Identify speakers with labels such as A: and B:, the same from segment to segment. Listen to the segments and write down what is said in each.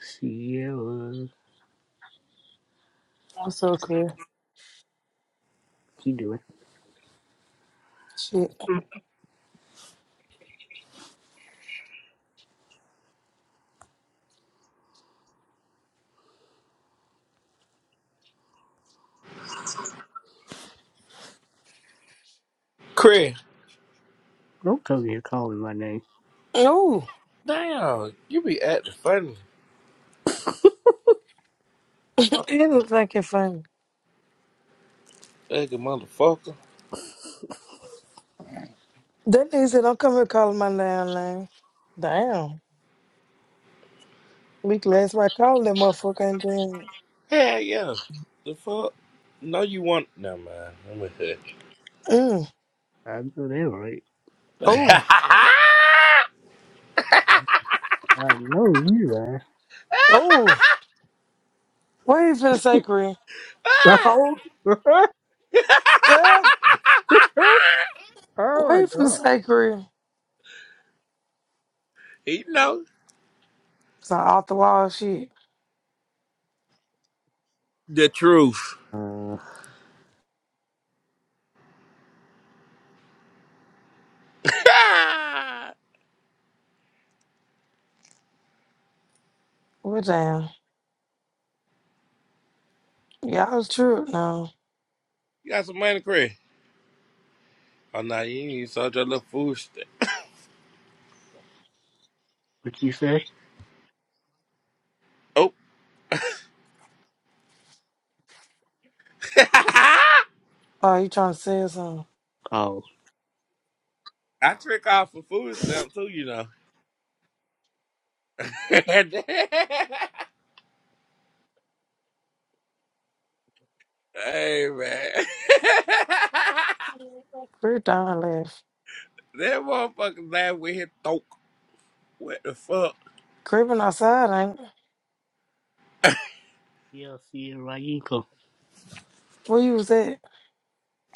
A: Sierra.
B: That's so career.
A: You do it.
B: Shit.
C: Craig,
A: Don't come here calling my name.
B: Oh,
C: damn, you be acting funny. Fuck,
B: it was fucking funny.
C: nigga, motherfucker.
B: That nigga said, not come here calling my damn name. Damn. Weak last right calling that motherfucker ain't doing
C: Hell yeah. The fuck? No, you want. No, man. Let me hear.
B: it. Mm.
A: I know that right.
B: Oh.
A: I know you are.
B: Oh. What you finna say, career? Ah.
A: Oh,
B: What
A: my
B: you finna
A: god.
B: say, career?
C: he know
B: Some off the wall shit.
C: the truth.
A: Uh,
C: you
B: Well, damn. Y'all was true now.
C: got some money, Craig? Oh, no, you ain't even sold your little food stamp.
A: what you say?
C: Oh.
B: Oh, you trying to sell something?
A: Oh.
C: I trick off for food stamp, too, you know. hey, man.
B: Career down left.
C: That motherfucker down with his thoke. What the fuck?
B: Creeping outside, ain't it?
A: Yeah, Sierra Yinka
B: Where you was at?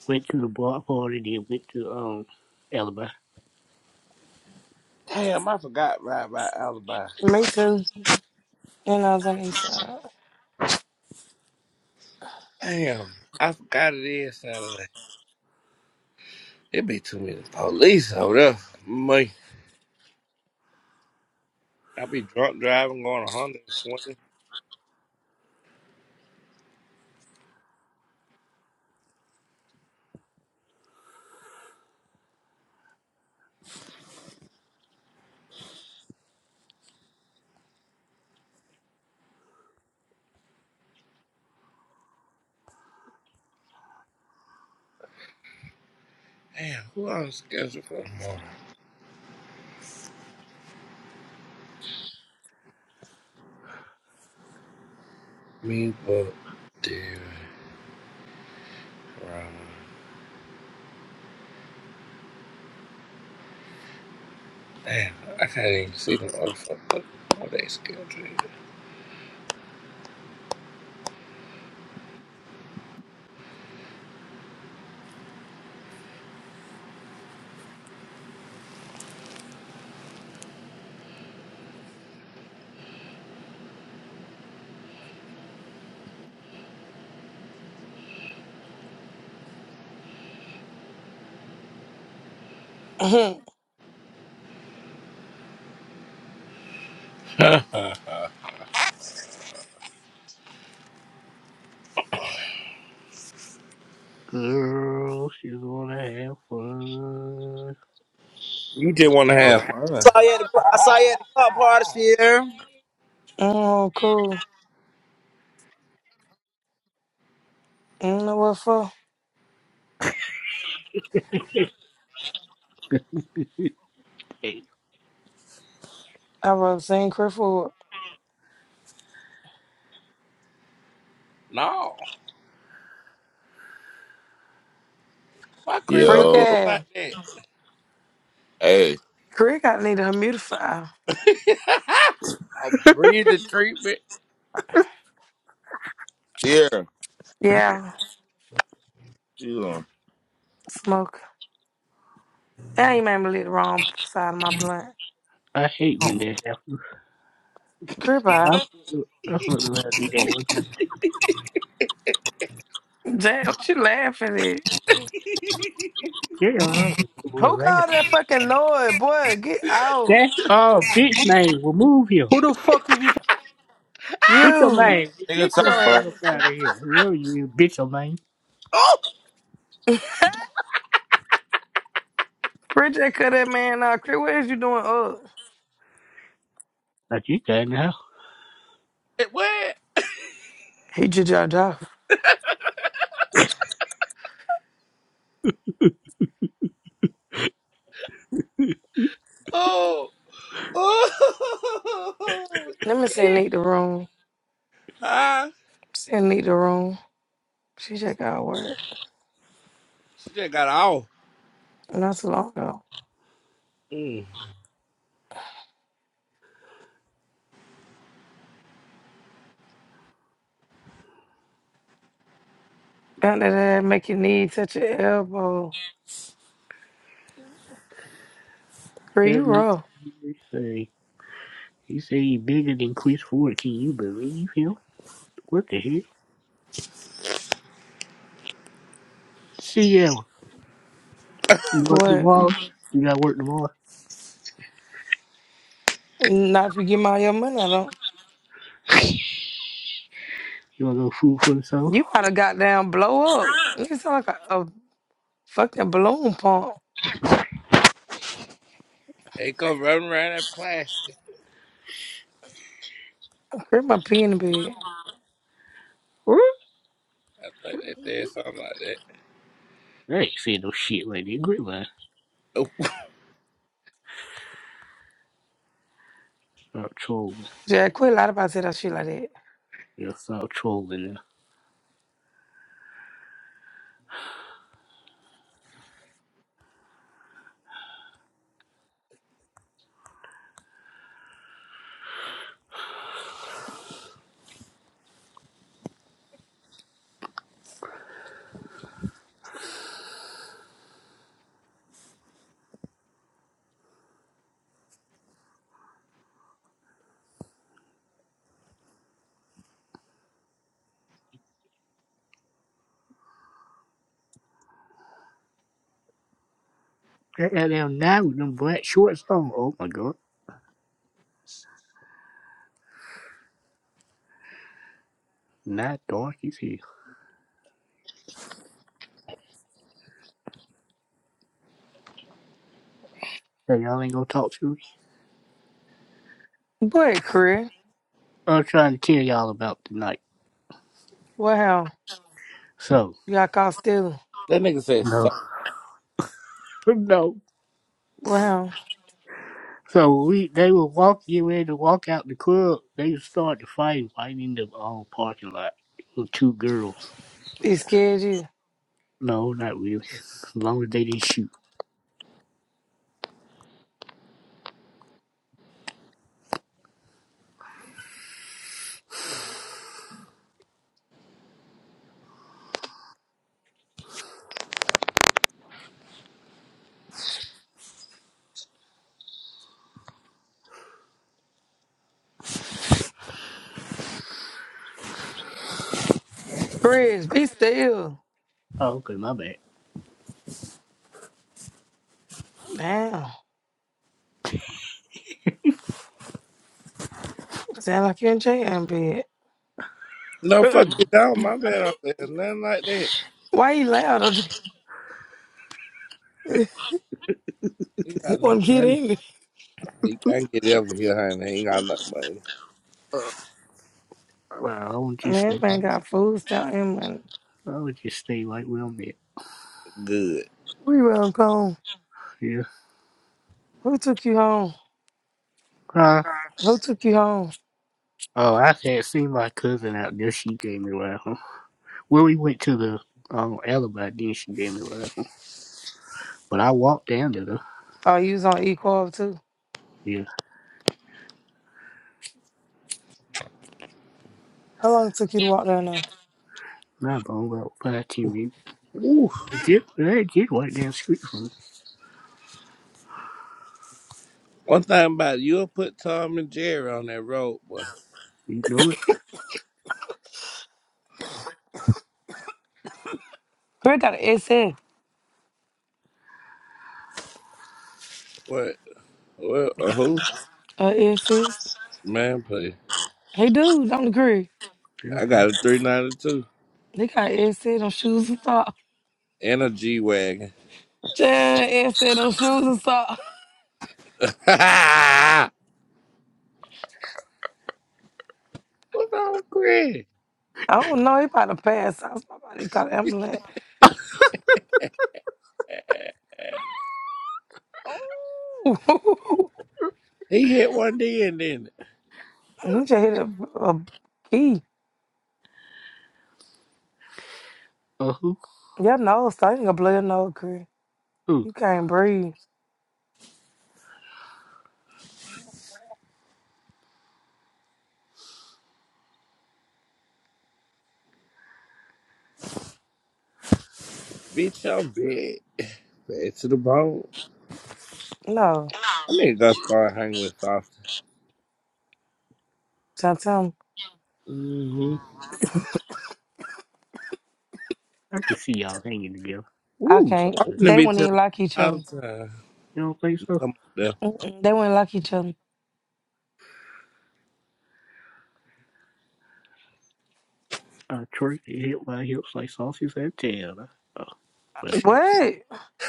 A: went to the bar party, then went to, um, Alibi.
C: Damn, I forgot right about alibi.
B: Me too. And I was on the east side.
C: Damn, I forgot it is Saturday. It be too many police over there. Me, I be drunk driving going 120. Damn, who I was scheduled for tomorrow? Me, but dude, Ryan. Damn, I can't even see the motherfucker. What they scheduled? either.
A: Girl, she's gonna have fun.
C: you just want to have fun.
D: saw you at the I saw you at the club party here.
B: Oh, cool. I don't know what for.
A: Hey,
B: I wrote Zane Cricklewood.
C: No, why quit
B: Freak
E: Yo,
C: breathing
B: ass.
C: like that?
E: hey,
B: Crick, I need a humidifier.
C: I'll breathe the treatment.
E: here,
B: Yeah,
E: you doing?
B: smoke. That ain't made me lit the wrong side of my blunt.
A: I hate when that happens.
B: Crip
A: I
B: eye.
A: I would love to be that one time.
B: Jay, what you laughing at?
A: Yeah, I was cool
B: Who called
A: last.
B: that fucking noise? Boy, get out.
A: That's all bitch name. Remove him.
F: Who the fuck is you
A: Bitch, your
B: You.
A: man. Get
E: Nigga
B: The
A: your ass
B: fuck?
A: up out of here. Whoever you is, bitch your man.
C: oh,
B: Rich J cut that man out. Crip, what is you doing up?
A: Like you got now.
C: it went.
B: He just dropped off.
C: Oh, oh,
B: Let me send
C: shit.
B: Neat the room.
C: Ah,
B: Send Neat the room. She just got work.
C: She just got off.
B: Not too long ago.
C: Mm.
B: Under that, make your knee touch your elbow. Girl, you
A: That man
B: rough.
A: he say he say he bigger than Chris Ford. Can you believe him? What the hell? See ya. You work
B: What?
A: tomorrow? You gotta work tomorrow.
B: Not if you give me all your money, I don't.
A: You wanna go food for the soul?
B: You about to goddamn blow up. You sound like a, a fucking balloon pump.
C: They come running around that plastic.
B: Crib my pee in the bed.
A: Huh?
C: I think they said something like that.
A: They ain't saying no shit like that. Grip line.
C: Oh,
A: Stop trolling.
B: Jack, quit a lot about say that shit like that.
A: Yeah, stop trolling now. That goddamn night with them black shorts on. Oh my god. Not dark is here. So y'all ain't gonna talk to me?
B: But, Crib,
A: I'm trying to tell y'all about tonight.
B: what hell?
A: So
B: You got caught stealing.
C: that nigga said
A: no.
C: something.
A: no.
B: What hell?
A: So we they would walk you in to walk out the club. They would start to fight right in the um, parking lot with two girls.
B: He scared you.
A: No, not really. As long as they didn't shoot.
B: Chris, be still.
A: Oh, okay, my bad.
B: Damn. Sound like you in jail in bed.
C: No, fuck you don't. My man, I said nothing like that.
B: Why you loud? Don't
C: He
B: you
C: got enough
B: want to get
C: money.
B: in?
C: He can't get over here, honey. He ain't got enough money.
A: well, I would
B: Man,
A: just stay.
B: that man got food stamp and money.
A: right, I would just stay right where I'm at.
C: Good.
B: We run home.
A: Yeah.
B: Who took you home?
A: Huh?
B: Who took you home?
A: Oh, I had seen my cousin out there. She gave me a ride home. Well, we went to the um, alibi. Then she gave me a ride home. But I walked down to the
B: Oh, you was on E-Corp too.
A: yeah.
B: How long it took you to walk down there?
A: Not about about five ten minutes.
C: Ooh.
A: Legit, did It did right down the street from me.
C: One thing about it, you'll put Tom and Jerry on that road, boy.
A: You know it.
B: Greg got an SS.
C: What? What? Uh, who?
B: A SS.
C: Man, pay.
B: Hey, dude, I'm the Greg.
A: Yeah.
C: I got a 392
B: They got an SS on shoes and socks.
C: and a G Wagon.
B: Jan SS on shoes and socks.
C: What's wrong with Chris?
B: I don't know. He about to pass out. Somebody got an ambulance. Oh,
C: He hit one D and then,
B: he just hit a, a key.
A: Uh who?
B: Your nose stinking a blow your nose, Greg.
A: Ooh,
B: You can't breathe.
C: bitch, I'm big. Bad to the bone.
B: No,
C: I need to go start hanging with Soft.
B: tell them
C: Mm-hmm.
A: I can see y'all hanging together.
B: I
A: Ooh,
B: can't.
C: I'm
A: something.
C: gonna
B: They
C: be
B: wouldn't
C: telling
B: even
C: you
B: like each
C: all
B: other.
C: the time.
A: You don't think so?
C: Come on, though.
B: Mm-mm, they wouldn't like each other.
A: Uh, Troy can hit my hips like sausage and tail. Oh, but they,
B: What?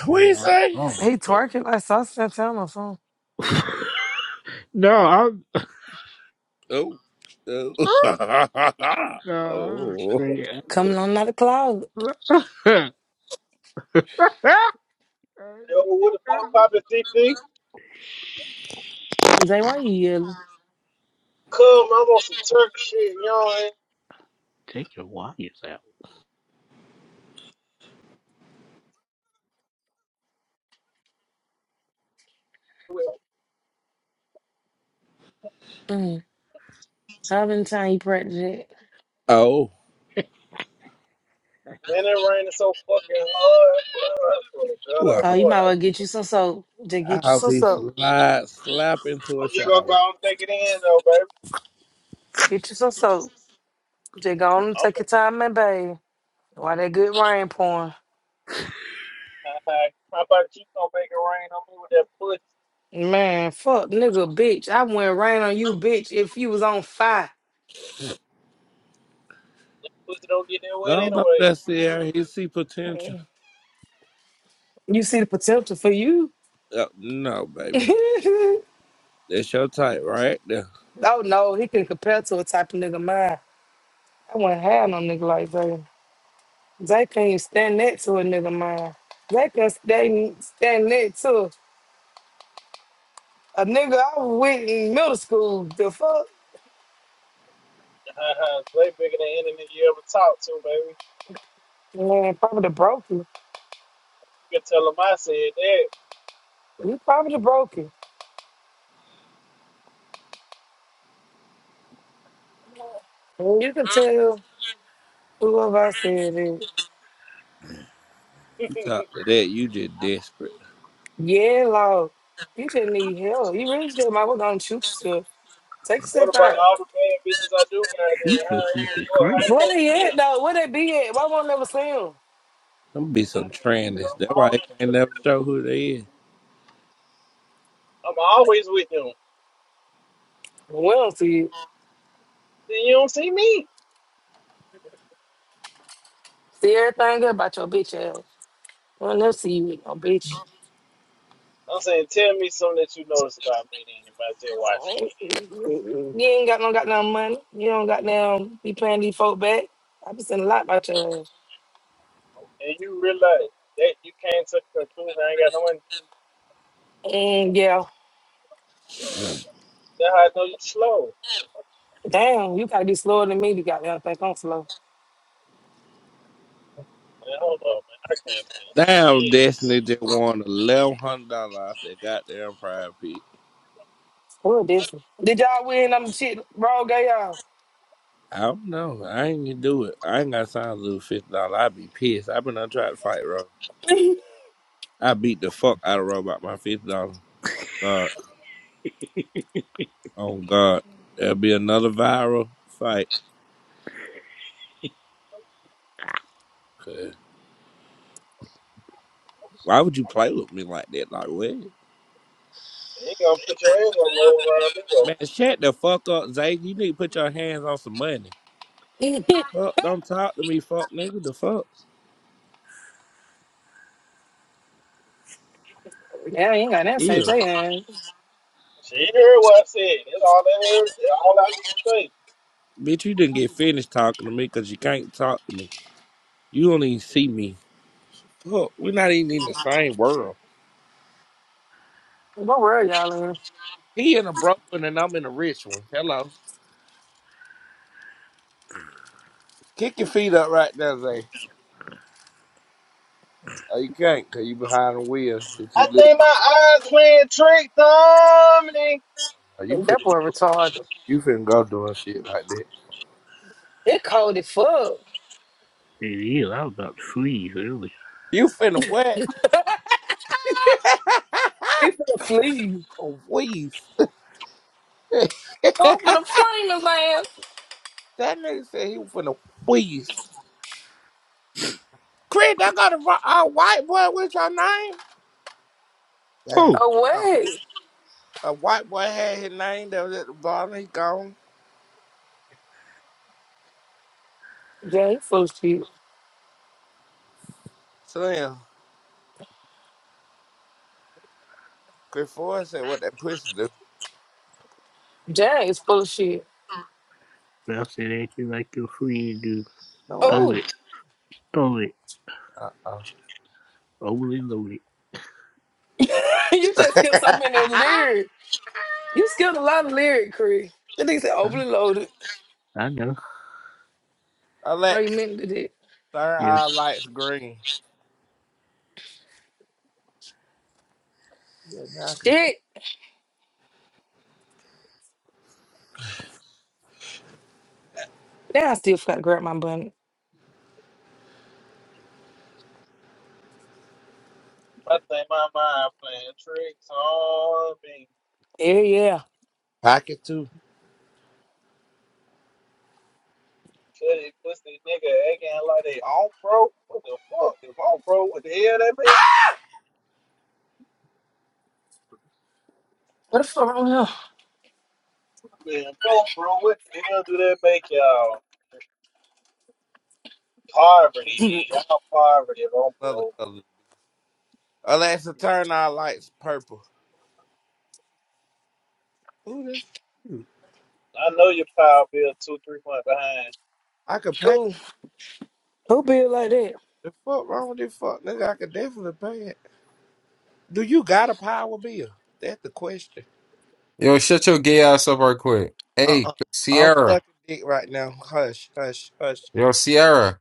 C: What
A: they
C: you
A: all
C: say?
A: wrong
B: He
A: with
B: twerking. I saw Snapchat on my phone.
A: that. no, I'm.
C: Oh. Oh.
A: No, I'm
C: oh.
A: saying.
B: Coming on out of the cloud.
G: Yo, what the fuck poppin' CP?
B: Zay, why you yelling?
G: Come, I want some Turk shit, y'all.
A: Take your wires out.
B: Mm. How many times you practice it?
C: Oh.
G: Man, it raining so fucking hard, bro.
C: Ooh, I
G: God,
B: Oh,
C: hope
B: you
G: boy,
B: might well
G: that-
B: get you some soap. Just
C: I
B: get you
C: hope
B: some
C: he
B: soap.
C: slide, slap into a
G: I'm just gonna
C: shower.
G: go and take it in, though, baby.
B: Get you some soap. Just go on and
G: I'm
B: take your
G: in.
B: time, man, baby. Why that good rain pouring?
G: Uh, how about you gonna make it rain on me with that pussy?
B: Man, fuck, nigga, bitch. I wouldn't rain on you, bitch, if you was on fire.
G: That pussy don't get that wet
C: No, no,
G: anyway.
C: that's the area He see potential.
B: You see the potential for you?
C: Uh, no, baby.
B: oh,
C: That's your type right there.
B: no, he can compare to a type of nigga mine. I wouldn't have no nigga like that. They can't stand next to a nigga, man. They can stay stand next to a nigga I was with in middle school. The fuck?
G: Uh, way bigger than any nigga you ever talked to, baby.
B: Man, probably broke you.
G: You can tell them I said that.
B: You probably broke you. And you can tell whoever I said it.
C: You talk to that, you just desperate.
B: Yeah, Lord. You just need help. You really just might well gonna shoot yourself. Take
G: What
B: yourself
G: about
B: out.
G: all the bad bitches I do got there?
A: Jesus,
G: How,
A: this
G: what the
A: is
G: fuck? how
A: great.
G: they
B: Where
G: supposed to
B: they at though? Where they be at? Why won't never see them?
C: I'm be some
G: feel?
C: trenders.
G: I'm
C: That's why I
G: always
C: can't
G: with them.
C: never show who they is.
G: I'm always with them.
B: We don't see you.
G: Then you don't see me.
B: See everything good about your bitch ass. We'll never see you with no bitch.
G: I'm saying, tell me something that you notice about me then if I still watching me.
B: You ain't got no goddamn money. You don't goddamn be paying these folk back. I be saying a lot about your ass.
G: And you realize that you can't take a conclusion. I ain't got no one.
B: And yeah,
G: That's how I know you slow.
B: damn, you gotta be slower than me You goddamn think I'm slow.
G: Man, hold on, man. I can't see
C: Damn,
G: shit.
C: Destiny just won eleven hundred dollars off that goddamn pride pick.
B: Who is this? Did y'all win them shit bro gay y'all?
C: I don't know. I ain't gonna do it. I ain't got time to lose fifty dollars. I be pissed. I have been trying to fight Rob. I beat the fuck out of Rob about my fifty dollars. On God. On God. There'll be another viral fight. Why would you play with me like that? Like what?
G: You ain't gonna put your hand on roll around me, though.
C: Man, shut the fuck up, Zay. You need to put your hands on some money. Fuck, don't talk to me, fuck nigga. The fuck?
B: Yeah, you ain't got nothing to say,
C: Ew.
B: Jay. man.
G: She heard what I said. That's all that heard. That's all I need to say.
C: Bitch, you didn't get finished talking to me because you can't talk to me. You don't even see me. Fuck, we're not even in the same world.
B: What world y'all
C: He in a broke one and I'm in a rich one. Hello. Kick your feet up right now, Zay. Oh, you can't because you behind the wheel that you
G: I
C: live in.
G: think my eyes playing tricks on me.
C: Oh, you
B: in?
C: finna,
B: That boy retarded.
C: you finna go doing shit like that.
B: It cold as fuck.
A: It is. I was about to freeze earlier.
C: You finna what?
B: He finna flee.
C: A please.
B: Oh, I'm
C: that
B: finna flame his ass
C: nigga said he was finna wheeze. Chris, I got a, ri- a white boy with your name? Damn.
A: Oh,
C: Oh.
B: away.
C: A white boy had his name that was at the bottom. He gone.
B: Jay, full of shit.
C: Slim. Chris Ford said what that pussy do.
B: Jay is full of shit.
A: bouncing at you like you're free to
C: No, I.
A: throw it. Sorry,
C: Uh-oh.
A: overly loaded.
B: you just skipped so many lyrics. You skipped a lot of lyric, Cree. That nigga said
A: I,
B: overly loaded.
A: I know.
B: No, you
C: Alexa.
B: meant to do that.
C: Turn
A: Yeah.
C: our lights green. Yeah, now I can.
B: Shit. Now I still forgot to grab my bun.
G: I think my mind playing tricks on me.
B: Yeah, yeah.
C: Pocket too.
G: Pussy, pussy nigga acting like they on bro. What the fuck? They on bro, what the hell They make?
B: What the fuck wrong
G: Man, bro, bro, what the hell do they make y'all? Poverty,
B: here?
G: then. Y'all poverty, on
C: Another
G: bro.
C: color. Alexa, turn our lights purple. Ooh, that's cute.
G: I know your power bill two, three months behind.
C: I could pay.
B: Who? Who be like that?
C: The fuck wrong with this fuck nigga? I could definitely pay it. Do you got a power bill? That's the question.
H: Yo, shut your gay ass up right quick.
C: Uh
H: Hey,
C: uh-uh. uh. i am
H: Sierra.
C: sucking dick right now. Hush, hush, hush.
H: Yo, Sierra.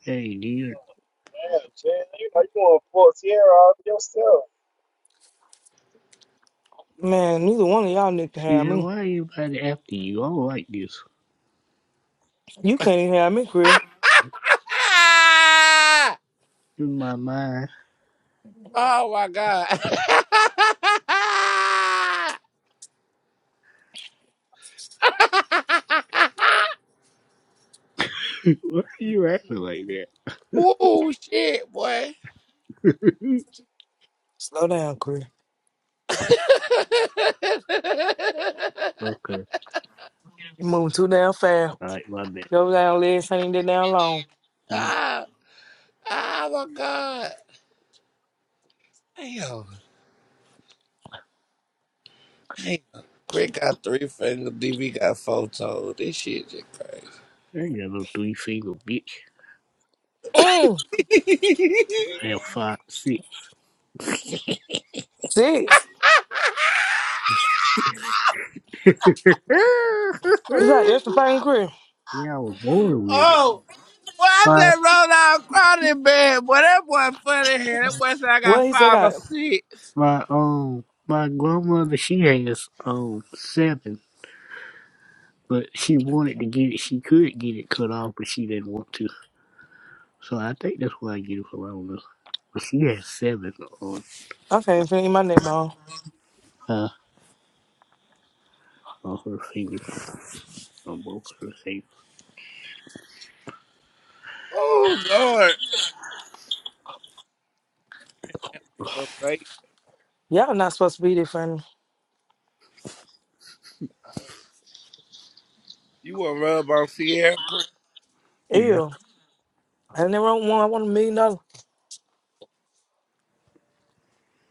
A: Hey, dear.
G: Damn, Jen, you know you gonna fuck Sierra all to yourself.
B: Man, neither one of y'all niggas can have
A: See,
B: me.
A: why everybody after you? I don't like this.
B: You can't even have me, Cree.
A: In my mind.
C: oh my God.
A: why are you acting like that?
C: Ooh, shit, boy.
B: Slow down, Cree.
A: okay.
B: You moving too damn fast.
A: All right, my bad.
B: Your down legs ain't even that damn long.
A: My bad.
C: ah, oh my God. Damn. Damn. Quick got three fingers, DV got four toes. This shit just
A: I ain't got no three finger, bitch.
B: Mm.
C: crazy.
A: I have five, six.
B: Six.
A: yeah,
B: It's like extra pain, Cree.
A: I was born with it.
C: Oh, well, I
A: My,
C: said roll out crowded bed. Boy, that boy funny here. That boy said I
B: Well,
C: got
B: he said,
C: five or
B: God,
C: six.
A: my, um, my grandmother, she has, um, seven. But she wanted to get it. She could get it cut off, but she didn't want to. So I think that's why I get it for Elvis. But she has seven on
B: I can't even finish my neck bone.
A: uh, on her fingers on both her fingers.
C: Oh, Lord. Look, mate,
B: Y'all not supposed to be this funny.
C: you want to rub on Sierra Creek?
A: Yeah.
B: Ew. And they wrote one, I want a million dollars.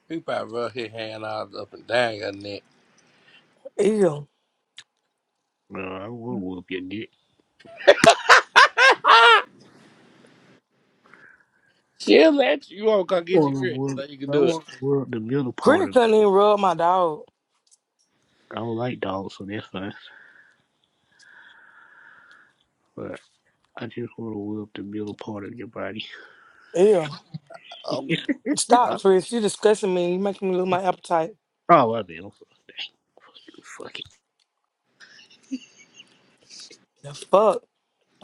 C: He probably rub his hand all up and down your neck.
B: Ew.
A: No, I wanna whoop your dick.
C: She'll let you. You won't
A: I
C: come get your
A: wanna
C: Chris
A: whoop
C: so you can
A: I
C: do it.
A: wanna whoop the middle part
B: Chris
A: of it.
B: couldn't even rub my dog.
A: I don't like dogs, so that's fine. But I just wanna whoop the middle part of your body.
B: Ew.
C: Oh,
B: Stop,
C: God.
B: Chris. You disgusting me. You making me lose my appetite.
A: Oh I mean I'm sorry. Fuck you, fuck it.
B: The fuck?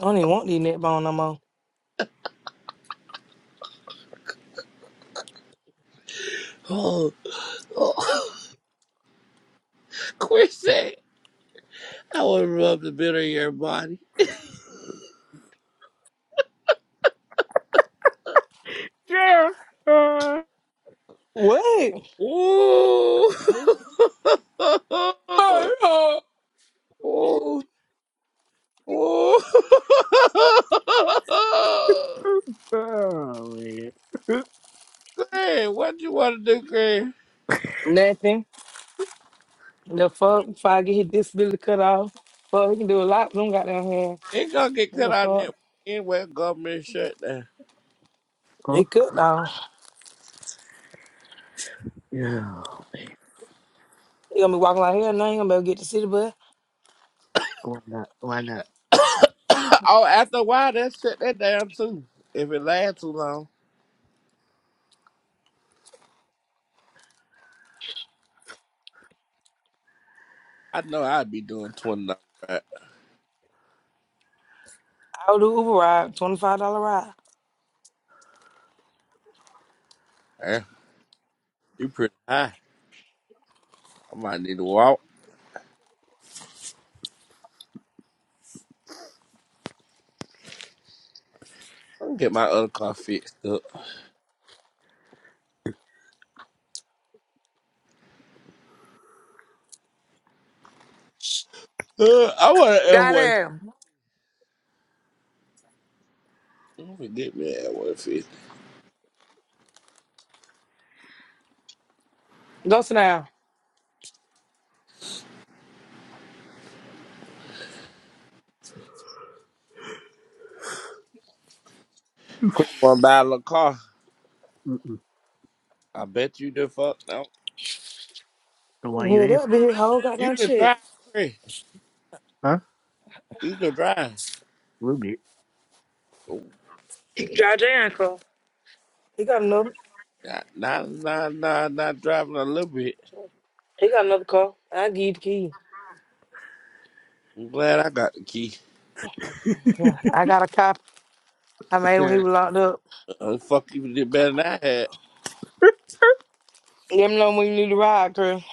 B: I don't even want these neck bone no more.
C: Oh, oh. Chris said, I want to rub the bit of your body.
A: Yeah. Uh,
B: What?
C: Ooh. Ooh. Hey,
A: oh man.
C: what you want to do, Greg?
B: Nothing. The fuck? If I get his disability cut off. Fuck, he can do a lot with them goddamn hair.
C: It gonna get
B: What
C: cut
B: the
C: out
B: fuck?
C: that anyway. Government shut down.
A: Huh?
B: He could though.
A: Yeah.
B: He gonna be walking like hell now. He gonna be able to get the city bus.
A: Why not? Why not?
C: oh, after a while, that shut that down too. If it lasts too long, I know I'd be doing twenty dollars. Right?
B: I'll do Uber ride, $25 ride.
C: Eh, you pretty high. I might need to walk. I'm gonna get my other car fixed up. Uh, I want an F one.
B: Goddamn.
C: I'm gonna get me an F one fixed.
B: Go sit down.
C: Quick, you wanna buy a little car?
A: Mm-mm.
C: I bet you the fuck don't.
A: So why you
B: Yeah,
A: asking?
B: that'd be his whole
C: You
B: goddamn
C: can
B: shit.
C: drive, Craig.
A: Huh?
C: You can drive.
A: A little
B: George Aaron call. He got another.
C: Not, not, not, not, not driving a little bit.
B: He got another call. I give you the key.
C: I'm glad I got the key.
B: Yeah, I got a cop. I made him
A: bit.
B: when he was locked up.
C: Uh, fuck even did better than I had.
B: Let me know when you need a ride, Chris.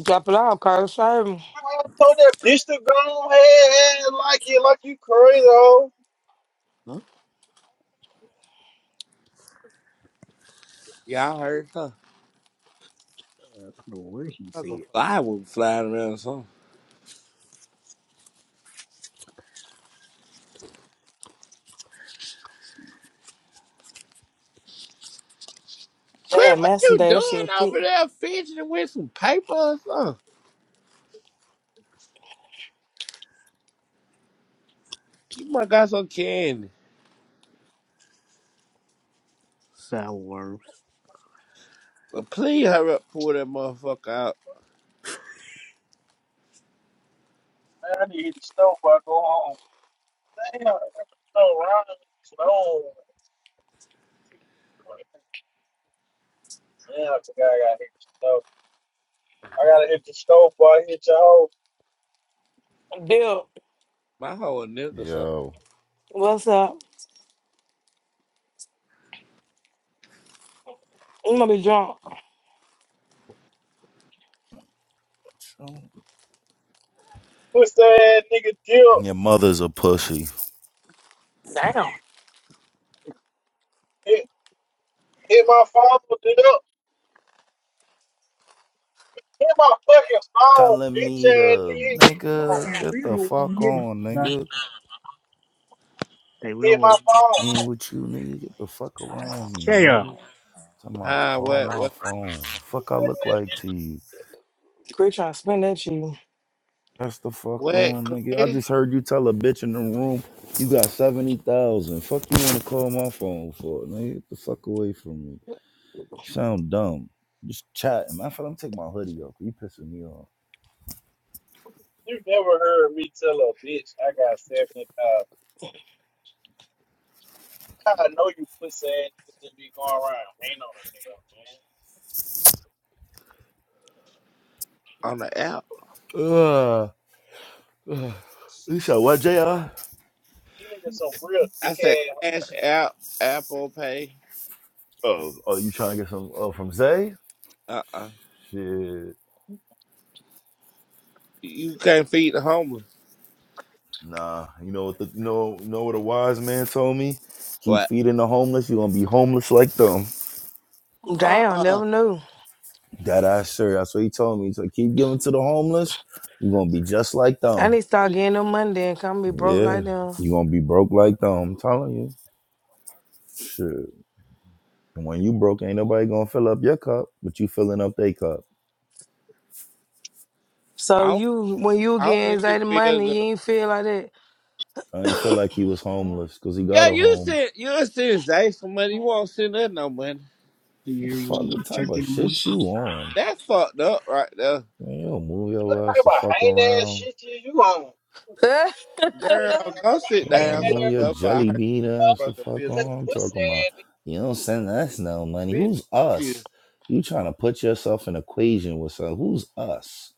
B: Drop it off, Carl. Serve him.
G: I told that bitch to go on ahead and like you, like you crazy, ho.
A: Not
C: Y'all heard her.
A: sour, he
C: Like a
A: said.
C: fly was flying around or something.
B: They
C: Chris,
B: had
C: what
B: Masson
C: you
B: Day. That shit
C: doing
B: was thick.
C: over there fidgeting with some paper or something? You might got some candy.
A: Sour.
C: But please hurry up, pull that motherfucker out.
G: Man, I need to hit the stove before I go home. Damn, I'm no wrong. Stone. Man, I forgot I got to hit the stove. I gotta hit the stove, boy. Hit your hoe.
B: Bill,
C: My whole nigga something.
I: Yo.
B: what's up? You gonna be drunk.
G: Push that ass nigga deal.
I: Your mother's a pussy.
B: Damn.
G: Hit, hit my phone with it up. Hit my fucking phone,
I: Telling
G: bitch
I: me
G: ass
I: to
G: nigga. Hit my phone.
I: nigga,
A: Yeah, we
I: get the
A: not want to
I: fuck
A: hear
I: on, nigga.
A: They were
G: Hit
A: all like,
I: Ain't with you, nigga. Get the fuck around me,
A: yeah.
I: nigga. Time I
C: Hi,
I: call
C: what,
I: my
C: what's up?
I: phone. Fuck I look
G: ass
I: like to
G: nigga.
I: you.
B: Chris trying to spend that shit.
I: That's the fuck
C: What,
I: on, nigga. I
C: Chris?
I: just heard you tell a bitch in the room you got seventy thousand. Fuck you wanna call my phone for, nigga. Get the fuck away from me. Sound dumb. Just chatting. Man, I feel I'm take my hoodie off. You pissing me off.
G: You never heard me tell a bitch I got 75. I know you pussy ass niggas just be going around hating on a nigga, man.
C: On the app.
I: Ugh. you said what, Jr.
G: You niggas some real dick
C: I said
G: ass.
C: cash out, Apple Pay.
I: Oh, oh, you trying to get some oh, from Zay?
C: Uh-uh.
I: Shit,
C: You can't feed the homeless.
I: nah. You know what? The, you know, you know what a wise man told me. Keep
C: What?
I: feeding the homeless. You're gonna be homeless like them.
B: Damn,
C: Uh-uh.
B: never knew.
I: That I sure. That's what he told me. So keep giving to the homeless. You're gonna be just like
B: I need
I: them.
B: to start getting them money then. Come be broke
I: Yeah,
B: like them.
I: you're gonna be broke like them. I'm telling you. Shit. And when you broke, ain't nobody gonna fill up your cup, but you filling up their cup.
B: So
C: I don't,
B: you, when you
C: I don't
B: get
C: need to
B: anxiety
C: feel
B: money,
C: the.
B: you ain't feel like
I: I ain't feel like he was homeless because he got
C: Yeah,
I: a
C: you
I: home.
C: send you send Zay some money. You won't send her no money.
A: See
I: Fuck,
A: everyone go
I: what
A: to
I: type
A: church
I: of
A: in the morning.
I: shit you on?
C: That fucked up right there,
I: Man, yo, move
G: You
I: your
G: talking
I: ass the
G: about
I: fuck
G: hating ass
I: around.
G: shit you, you on.
B: that.
G: Pussy,
C: girl. Go
G: I'm
C: sit
G: like,
I: Yo,
C: down
G: hating
I: move
G: ass,
I: your
C: somewhere before I
I: jelly
C: hurt
I: bean ass
C: your
I: the
C: motherfucking
I: fuck
C: feelings.
I: on. I'm
C: Zay.
G: pussy
I: talking about
G: ass nigga.
I: you don't send us no money.
C: Bitch,
I: Who's
C: fuck you.
I: us? You trying to put yourself in equation with some who's us?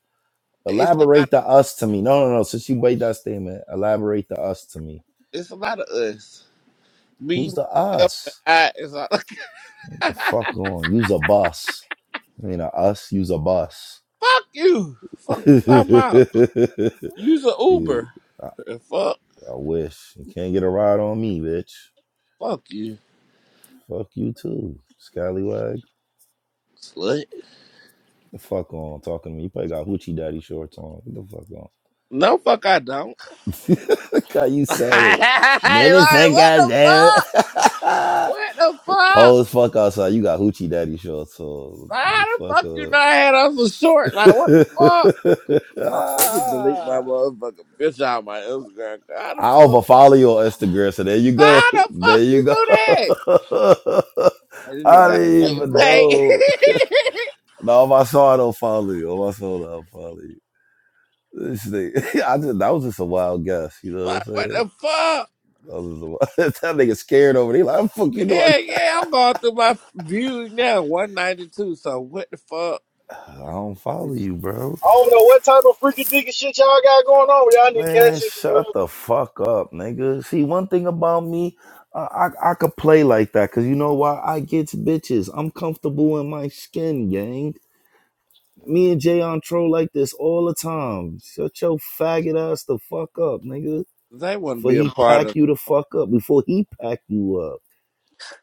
C: It's a lot. Of,
I: Elaborate the us to me. No, no, no. Since you made that statement, elaborate the us to me.
C: it's a lot of us. Me,
I: Who's the
C: myself, and
I: us?
C: I. It's all
I: What The fuck on. Use a bus. I mean, a us. Use a bus.
C: fuck you. Fuck you talking about. Use an
I: Yeah,
C: Uber.
I: I,
C: And fuck,
I: I wish you can't get a ride on me, bitch.
C: fuck you,
I: Fuck you too, Scallywag. Get
C: slut.
I: The fuck on talking to me. You probably got hoochie daddy shorts on. Get the fuck
C: No, fuck I don't.
I: on. Look how you
C: like
I: said it. Nigga think
C: what
I: I
C: the fuck? What the
I: did.
C: fuck?
I: Cold as fuck outside. You got hoochie daddy shorts on.
C: Like, how
I: The
C: the
I: fuck
C: fuck you know
I: up.
C: I had on for short? Like, what the fuck? Oh, let me delete my
I: Ah.
C: motherfucking bitch out my Instagram. How the
I: I
C: fuck?
I: overfollow you on Instagram, so there you
C: Like,
I: go.
C: How the
I: There
C: fuck you
I: you go.
C: knew that? And then they
I: I
C: got
I: didn't
C: paid.
I: even
C: paid.
I: know. No, if I saw it, i not follow you. If I saw it, I'll follow you. This thing, I just, that was just a wild guess. You know what I'm
C: like, what
I: saying?
C: the fuck?
I: That, was just a wild, that nigga scared over there. He Like, fuck you know, I,
C: Yeah, yeah, I'm going through my views now, 192. So what the fuck?
I: I don't follow you, bro.
G: I don't know what type of freaky dicky shit y'all got going on. but Y'all need cash
I: Man,
G: this
I: shut
G: real.
I: the fuck up, nigga. See, one thing about me, I, I, I could play like that because you know why? I gets bitches. I'm comfortable in my skin, gang. Me and Jay on troll like this all the time. Shut your faggot ass the fuck up, nigga.
C: They want to
I: For
C: be a
I: he
C: part
I: pack
C: of.
I: you the fuck up before he pack you up.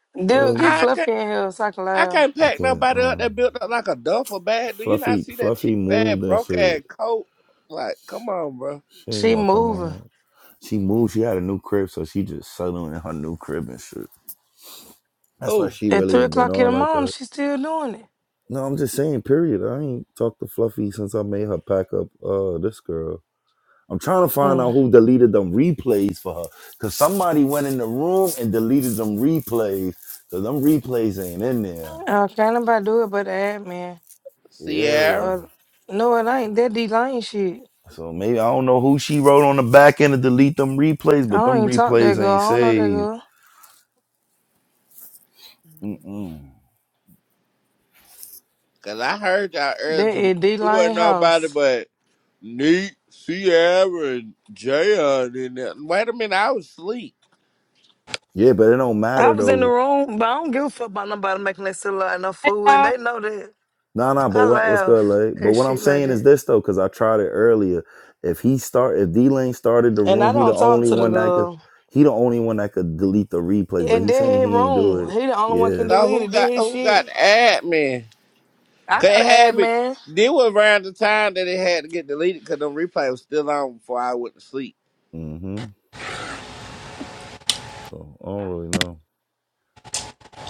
B: Dude, get
I: Oh,
C: I can.
B: Fluffy in here so I can
C: I
B: laugh.
C: can't
I: I
C: pack
I: can't.
C: nobody up
I: Um,
C: that built up like a duffel bag. Do you not
I: Fluffy,
C: see that
I: Fluffy
C: cheap ass,
I: moved and
C: broke
I: shit.
C: ass coat? Like, come on, bro.
I: She ain't
B: She
I: gonna come
B: moving.
I: on. She moved. She had a new crib, so she just settled in her new crib and shit. That's why
C: Who?
I: she
B: At
I: really
B: three
I: ain't been
B: o'clock in
I: on
B: the
I: like
B: morning,
I: that.
B: she's still doing it.
I: No, I'm just saying. Period. I ain't talked to Fluffy since I made her pack up. Uh, this girl. I'm trying to find out
B: Mm.
I: who deleted them replays for her, cause somebody went in the room and deleted them replays. Cause them replays ain't in there.
B: I can't nobody do it but the admin.
I: Yeah.
C: Sierra?
B: Uh, no, it ain't. That D Lane shit.
I: So maybe I don't know who she wrote on the back end to delete them replays,
B: I
I: but
B: don't
I: them
B: even talk to that
I: replays
B: girl.
I: ain't
B: I don't know that
I: saved.
B: girl.
I: Mm-mm.
C: Cause I heard y'all earlier
B: That
C: tomorrow.
B: is D
C: It
B: Lane
C: wasn't nobody
B: house.
C: but Neat, Sierra, and Jayon in there. Wait a minute, I was asleep.
I: Yeah, but it don't
B: I
I: matter
B: was in the
I: though.
B: room, but I don't give a fuck about nobody making that silly like no food, and
J: y'all.
B: they know that.
I: Nah, nah. But
B: I
I: what, what's good,
B: laugh
I: like? But
B: at
I: what I'm
B: shit like
I: saying is
B: that,
I: this though, because I tried it earlier. If he start, if D Lane started the
B: and
I: room,
B: I
I: he the
B: don't talk
I: only
B: to the
I: one that could.
B: girl.
I: He the only one that could delete the replays. But
B: And
I: he's
B: that
I: saying
B: his
I: he ain't do
B: room.
I: it.
B: He the only one can
I: Yeah.
C: So
B: delete
C: who
B: it. Did
C: got
B: his
C: who got the
B: shit.
C: admin?
B: I
C: Cause
B: got
C: it
B: an
C: had me.
B: admin.
C: This was around the time that it had to get deleted because the replay was still on before I went to sleep.
I: hmm So I don't really know.